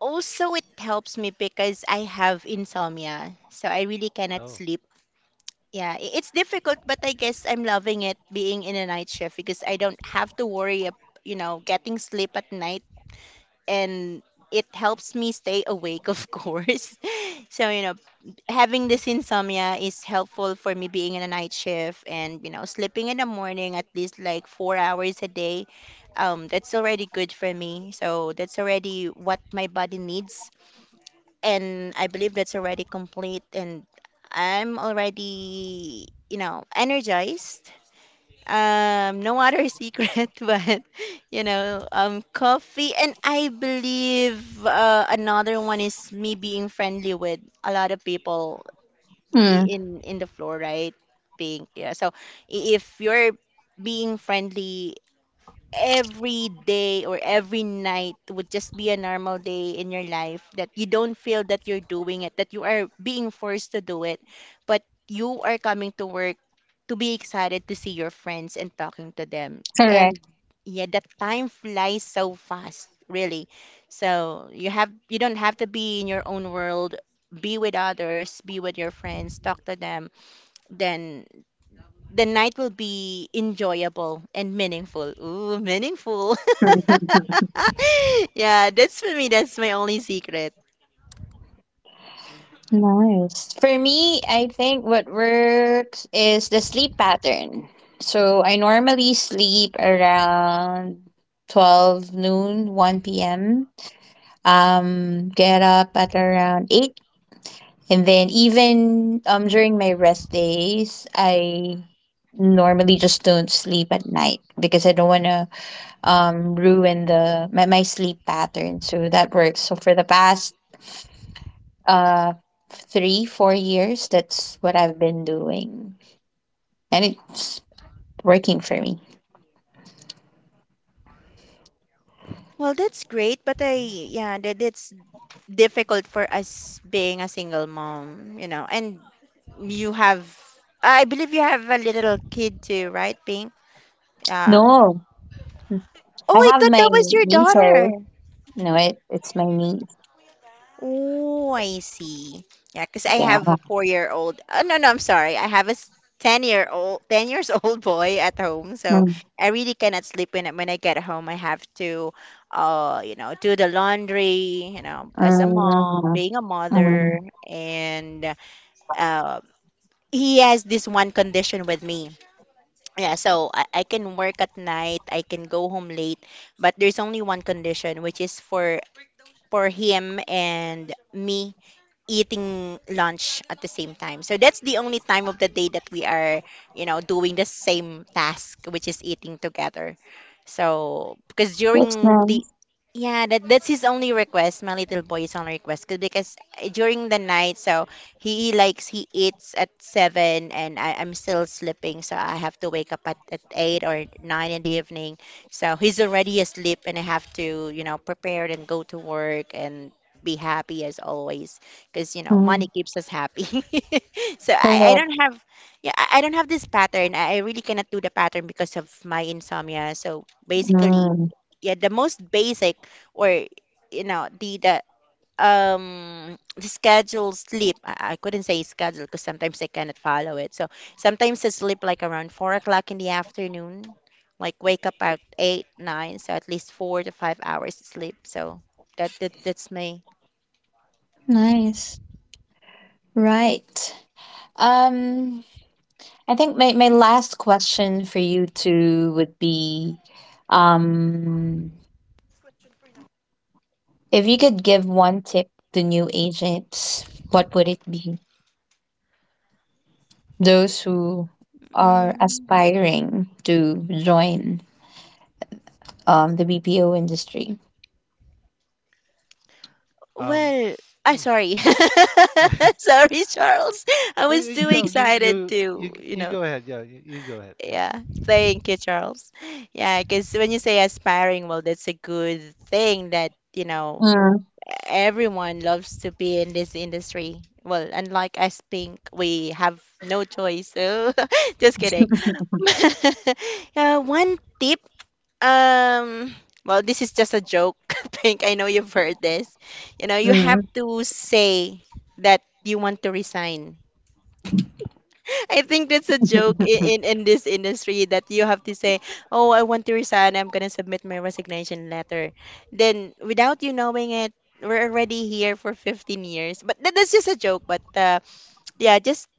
also, it helps me because I have insomnia. So I really cannot Oh. sleep. Yeah, it's difficult, but I guess I'm loving it being in a night shift because I don't have to worry, you know, getting sleep at night. And it helps me stay awake, of course. So, you know, having this insomnia is helpful for me being in a night shift, and you know sleeping in the morning at least like 4 hours a day. That's already good for me, so that's already what my body needs, and I believe that's already complete, and I'm already you know energized. No other secret, but you know coffee. And I believe another one is me being friendly with a lot of people mm, in the floor, right, Pink? Yeah. So if you're being friendly, every day or every night would just be a normal day in your life that you don't feel that you're doing it, that you are being forced to do it, but you are coming to work to be excited to see your friends and talking to them. correct. And yeah, that time flies so fast, really. So you have you don't have to be in your own world, be with others, be with your friends, talk to them, then the night will be enjoyable and meaningful. Ooh, meaningful. Hmm. Yeah, that's for me, that's my only secret. Nice. For me, I think what works is the sleep pattern. So I normally sleep around 12 noon, 1 p.m. Get up at around 8. And then even during my rest days, I normally just don't sleep at night because I don't want to ruin my sleep pattern. So that works. So for the past uh 3 4 years, that's what I've been doing, and it's working for me. Well, that's great, but Mhm, yeah, that it's difficult for us being a single mom, And mhm. you have, I believe you have a little kid too, right, Pink? Yeah. No. Oh, I I have thought my that was your nieces. daughter. No, it it's my niece. Oh, I see. Yeah, because I Yeah. have a four-year-old. Oh, no, no, I'm sorry. I have a s- Ten-year-old, 10 years old boy at home. So Mm, I really cannot sleep when I get home. I have to, do the laundry. You know, as a mom, mm, being a mother, mm. and uh, he has this one condition with me. Yeah, so I can work at night. I can go home late, but there's only one condition, which is for him and me eating lunch at the same time. So that's the only time of the day that we are, you know, doing the same task, which is eating together. So because That's during the nice. Yeah, that's his only request. My little boy is only request because during the night, so he eats at 7, and I'm still sleeping, so I have to wake up at 8 or 9 in the evening. So he's already asleep, and I have to, you know, prepare and go to work and be happy as always because, you know, Mm. money keeps us happy. So I Correct. don't have yeah I don't have this pattern. I really cannot do the pattern because of my insomnia. So basically, Mm. yeah, the most basic or, you know, the the schedule sleep I couldn't say schedule because sometimes I cannot follow it, so sometimes I sleep like around 4 o'clock in the afternoon, like wake up at 8 9, so at least 4 to 5 hours sleep, so that's me. Nice. Right. um I think my last question for you two would be, um if you could give one tip to new agents, what would it be? Those who are aspiring to join the BPO industry. Um. Well, I Oh. sorry. s- Sorry, Charles. I Yeah, was yeah. too You know, you excited you you to, you you know. go ahead. Yeah, you go ahead. Yes. Yeah. Thank you, Charles. Yeah, because when you say aspiring, well, that's a good thing that, you know, Mm, everyone loves to be in this industry. Well, unlike us Pink, we have no choice. So just kidding. One tip um, well, this is just a joke, Pink. I know you've heard this. You know, you have mm. to say that you want to resign. I think that's a joke in, in, in this industry that you have to say, "Oh, I want to resign. I'm gonna submit my resignation letter." Then, without you knowing it, we're already here for 15 years. But that's just a joke. But yeah, just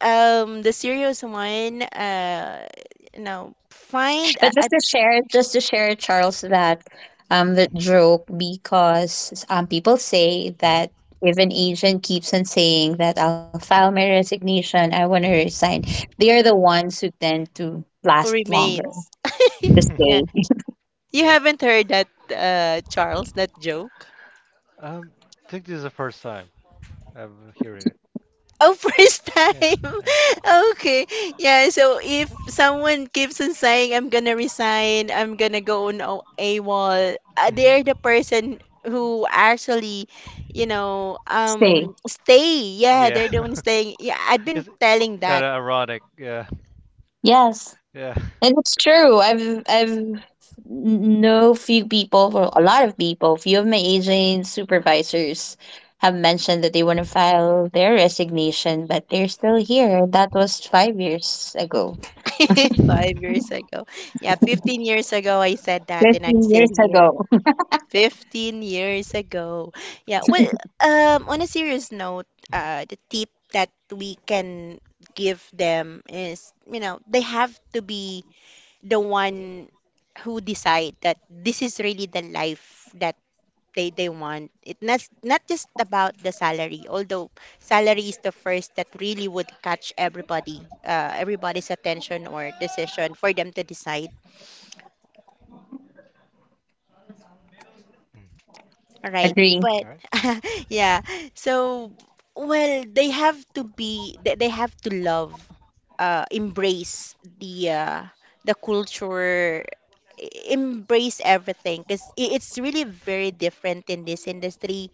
the serious one. You know, find But a just to share, Charles, that the joke, because people say Mhm. that if an agent keeps on saying that I'll file my resignation, I want to resign, they are the ones who tend to who last longer, remains. to Mhm. Yeah. stay, You Yeah. haven't heard that, Charles, that joke? Um. I think this is the first time I'm hearing it. Oh, first Yeah. time. Yeah. Okay. Yeah, so if someone keeps on saying, I'm gonna resign, I'm gonna go on a- AWOL, Hmm. they're the person who actually, you know, stay. Stay. Yeah, Yeah. they're the one staying. Yeah, I've been It's telling kind that of ironic. Yeah. Yes, Yeah. and it's true. I've know few people, well, a lot of people, few of my agent supervisors have mentioned that they want to file their resignation, but they're still here. That was 5 years ago. 5 years ago. Yeah, 15 years ago, I said that, and I'm Fifteen still years here. ago. 15 years ago. Yeah, well, on a serious note, Mhm. The tip that we can give them is, you know, they have to be the one who decide that this is really the life that they want. It' not, not just about the salary, although salary is the first that really would catch everybody, everybody's attention or decision for them to decide. Mm. Right, Agree. but All right. yeah. So, well, they have to love embrace the culture, embrace everything because it's really very different in this industry,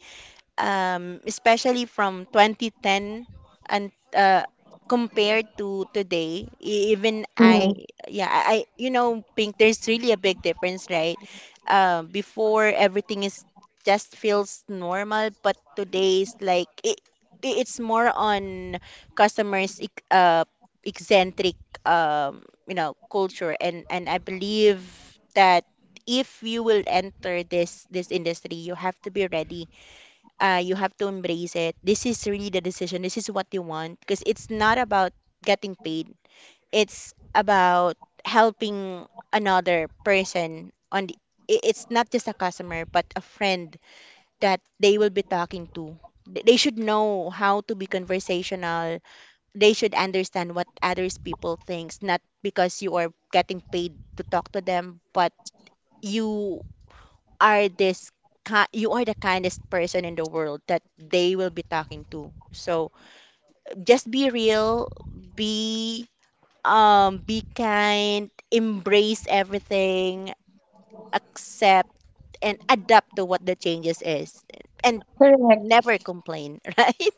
especially from 2010 and compared to today, even Mm, I, yeah, you know, Pink, there's really a big difference, right? Before everything is just feels normal, but today's like it, it's more on customers eccentric, um, you know, culture, and I believe that if you will enter this this industry, you have to be ready, you have to embrace it. This is really the decision. This is what you want because it's not about getting paid. It's about helping another person on the, it's not just a customer but a friend that they will be talking to. They should know how to be conversational. They should understand what others people thinks, not because you are getting paid to talk to them, but you are you are the kindest person in the world that they will be talking to. So just be real, be be kind, embrace everything, accept and adapt to what the changes is and correct. never complain, right?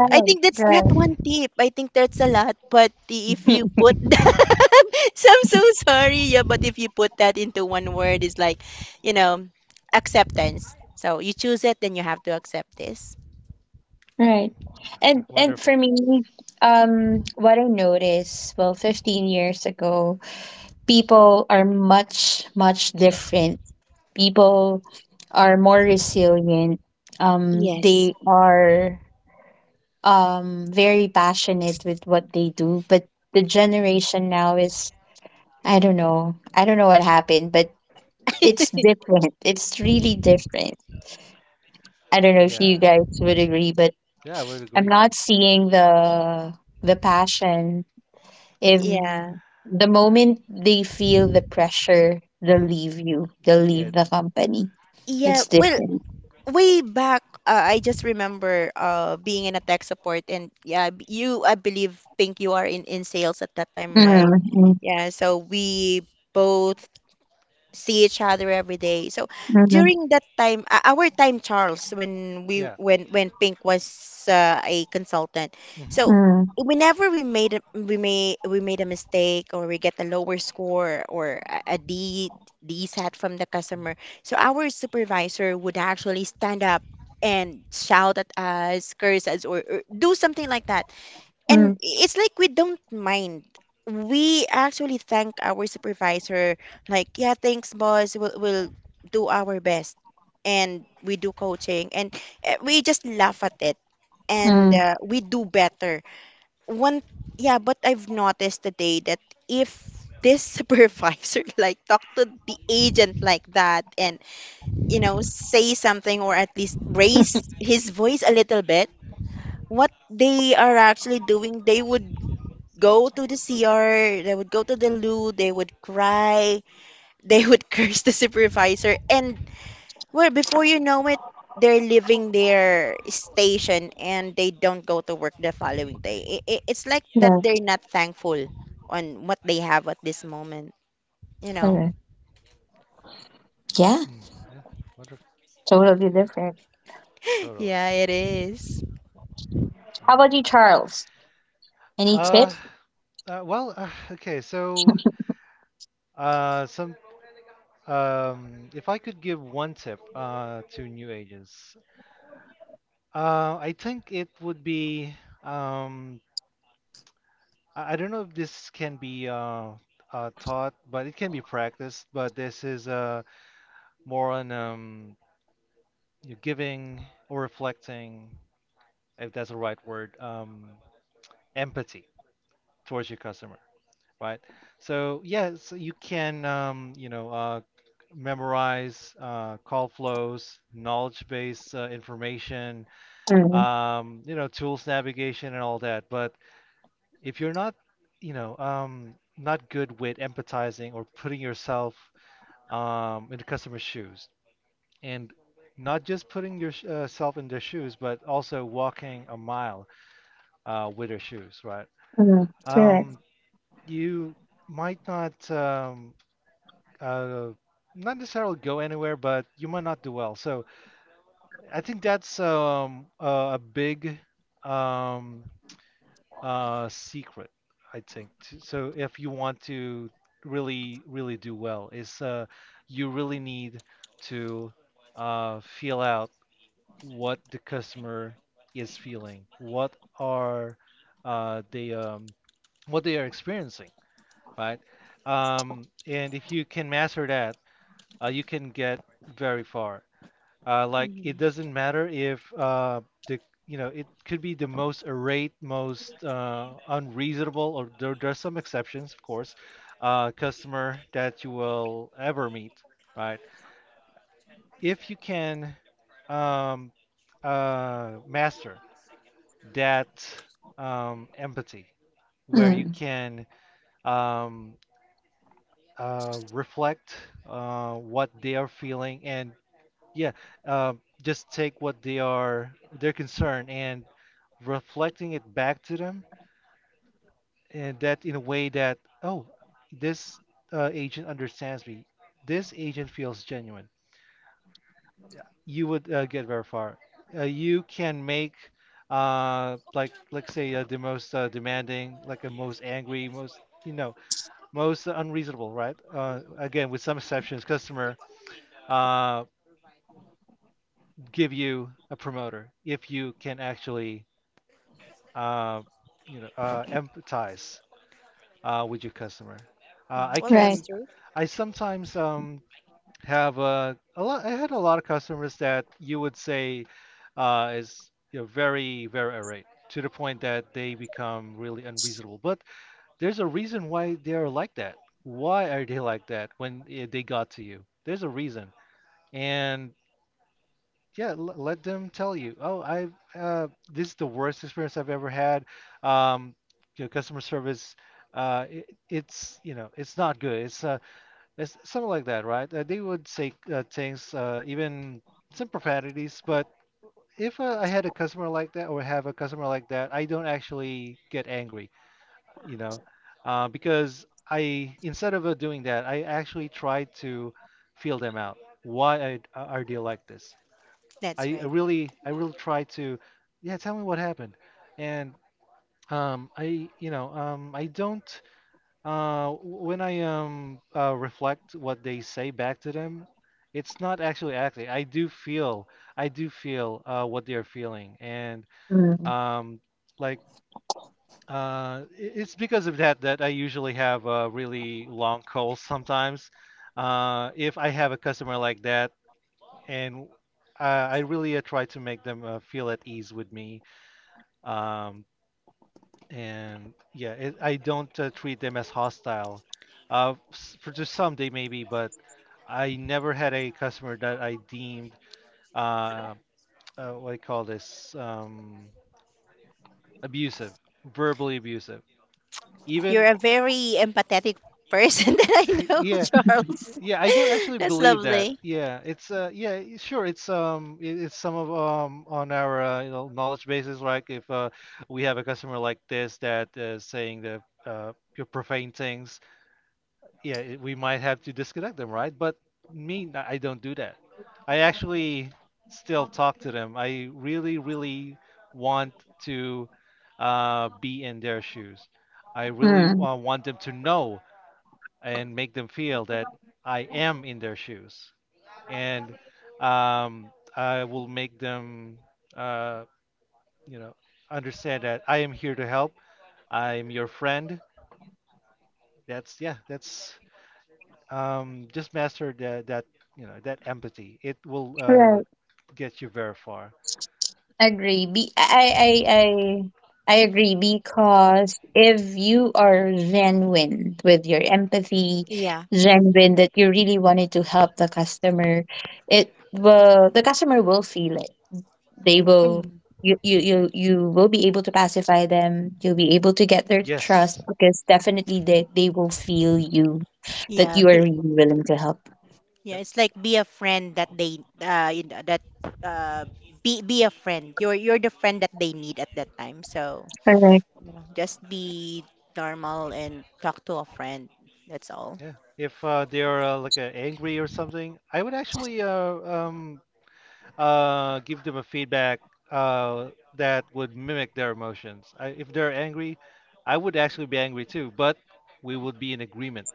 Mhm. I think that's not Right. one tip. I think that's a lot. But if you put that, so I'm so sorry. Yeah, but if you put that into one word, it's like, you know, acceptance. So you choose it, then you have to accept this. Right. And for Wonderful. me, what I noticed, well, 15 years ago, people are much much different. People are more resilient. Yes. They are very passionate with what they do. But the generation now is, I don't know. I don't know what happened, but it's different. It's really different. I don't know if you Yeah. guys would agree, but Yeah, I would I'm agree. Yeah. not seeing the passion. If Yeah. the moment they feel the pressure, they'll Hmm. leave you. They'll leave Yeah. the company. Yeah. It's Well, different. way back, I just remember being in a tech support, and yeah, you, I believe, think you are in sales at that time, right? Mm-hmm. Yeah. So we both see each other every day. So Mm-hmm. during that time, our time, Charles, when we Yeah. when Pink was a consultant, Hmm. so Mm, whenever we made a mistake or we get a lower score or a D D set from the customer, so our supervisor would actually stand up and shout at us, curse us, or do something like that and mm, it's like we don't mind. We actually thank our supervisor, like, yeah, thanks, boss. We'll do our best. And we do coaching and we just laugh at it and mm. We do better. One, yeah, but I've noticed today that if this supervisor like talk to the agent like that and you know say something or at least raise his voice a little bit, what they are actually doing, they would go to the CR, they would go to the loo, they would cry, they would curse the supervisor, and well, before you know it, they're leaving their station and they don't go to work the following day. I it's like that Yes, they're not thankful on what they have at this moment, you know? correct. Yeah, Mm. Yeah. Wonderful. totally different. Totally. Yeah, it is. All How about right. you, Charles? Any Uh, tip? well, okay. So, some. If I could give one tip to new agents, I think it would be, um I don't know if this can be, taught, but it can be practiced. But this is, more on, you know, giving, or reflecting, if that's the right word, empathy towards your customer, right? So yes, you can, you know, memorize call flows, knowledge-based information, Mm, you know, tools navigation and all that. But if you're not, you know, not good with empathizing, or putting yourself in the customer's shoes, and not just putting yourself in their shoes, but also walking a mile with their shoes, right? mm, correct. Um, you might not, uh, not necessarily go anywhere, but you might not do well. So I think that's a big, um, secret, I think. So if you want to really, really do well, is, you really need to feel out what the customer is feeling, what are, they what they are experiencing, right? And if you can master that, you can get very far. Like, it Mhm. doesn't matter if, the you know, it could be the most irate, most unreasonable, or, there are some exceptions, of course, customer that you will ever meet, right? If you can, um, master that, empathy, where you Mm, can, um, reflect what they are feeling, and, yeah, just take what they are, their concern, and reflecting it back to them, and that in a way that, oh, this agent understands me. This agent feels genuine. You would get very far. You can make, like, let's say, the most demanding, like, a most angry, most, you know, most unreasonable, right? Again, with some exceptions, customer uh, give you a promoter if you can actually, uh, you know, empathize with your customer. Uh, Mm, I well, right. that's can, true. I sometimes, have a lot. I had a lot of customers that you would say is, you know, very, very irate, to the point that they become really unreasonable. But there's a reason why they're like that. Why are they like that when, they got to you? There's a reason. And yeah, let them tell you. Oh, I this is the worst experience I've ever had. Um, you know, customer service, it, it's, you know, it's not good. It's, it's something like that, right? They would say things, even some profanities. But if I had a customer like that, or have a customer like that, I don't actually get angry, you know, because I, instead of doing that, I actually try to feel them out. Why are they like this? That's I right. really, I really try to, yeah, tell me what happened. And I, I don't, when I reflect what they say back to them, it's not actually acting. I do feel, I do feel what they're feeling, and, Mm, um like it's because of that, that I usually have really long calls sometimes, if I have a customer like that. And I really try to make them feel at ease with me. Um, and yeah, it, I don't treat them as hostile. For just some, they maybe, but I never had a customer that I deemed, uh, what I call this, abusive, verbally abusive. You're Even a very empathetic person that I know, yeah. Charles. Yeah, I don't actually That's believe that. lovely. Yeah, it's sure, it's, it's some of, on our, you know, knowledge bases, like if we have a customer like this that is saying that you're profane things, yeah, it, we might have to disconnect them, right? But me, I don't do that. I actually still talk to them. I really, really want to be in their shoes. I really mm, want them to know, and make them feel that I am in their shoes, and, um, I will make them, uh, you know, understand that I am here to help. I am your friend. That's, yeah. That's, just master that, that, you know, that empathy. It will right. get you very far. Agree. I agree because if you are genuine with your empathy, Yeah. genuine that you really wanted to help the customer, it will, the customer will feel it. They will, Mhm. you will be able to pacify them, you'll be able to get their trust Yes. because definitely they will feel you, that Yeah. Yep. you are Be, really willing to help. yeah, Yep. it's like be a friend that they you know, that uh be a friend. You're the friend that they need at that time. So Yep. Correct. Yeah. Just be normal and talk to a friend. That's all. Yeah. If they are like, angry or something, I would actually, give them a feedback uh, that would mimic their emotions. I, if they're angry, I would actually be angry too, but we would be in agreement.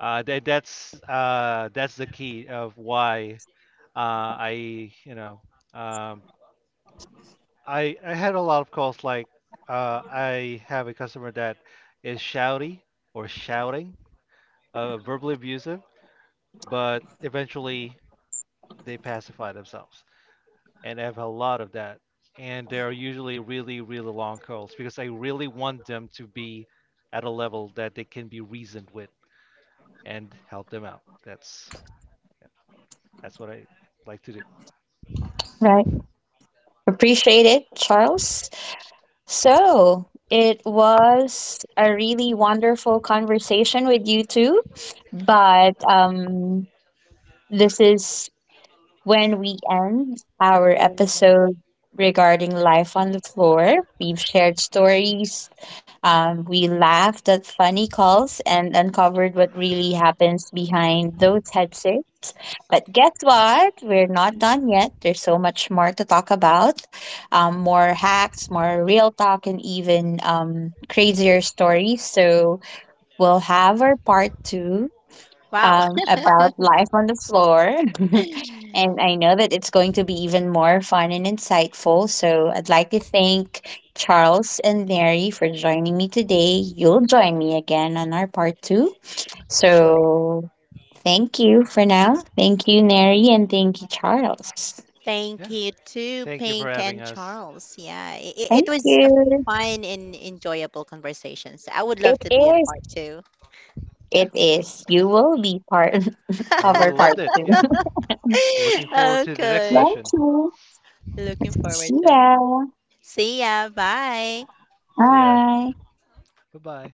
That that's the key of why, I you know, um, I had a lot of calls like, I have a customer that is shouty or shouting, verbally abusive, but eventually they pacify themselves. And I have a lot of that. And they are usually really, really long calls, because I really want them to be at a level that they can be reasoned with, and help them out. That's what I like to do. Right. Appreciate it, Charles. So it was a really wonderful conversation with you two. But this is, when we end our Oh, episode regarding life on the floor, we've shared stories, we laughed at funny calls, and uncovered what really happens behind those headsets. But guess what? We're not done yet. There's so much more to talk about, more hacks, more real talk, and even crazier stories. So we'll have our part two, wow. About life on the floor. and I know that it's going to be even more fun and insightful. So I'd like to thank Charles and Mary for joining me today. You'll join me again on our part two. Sure. So thank you for now. Thank you, Mary, and thank you, Charles. Yeah. Thank you to Thank you for Pink having and us. Charles. Yeah, it Thank was a you. fun and enjoyable conversation. So I would love It to be in is. part two. Yeah. It is. You will be part I of really our loved part it. two. Yeah. Looking forward to the next Okay. session. Thank you. Looking forward See to ya. it. See ya. Bye. See ya. Bye. Bye bye.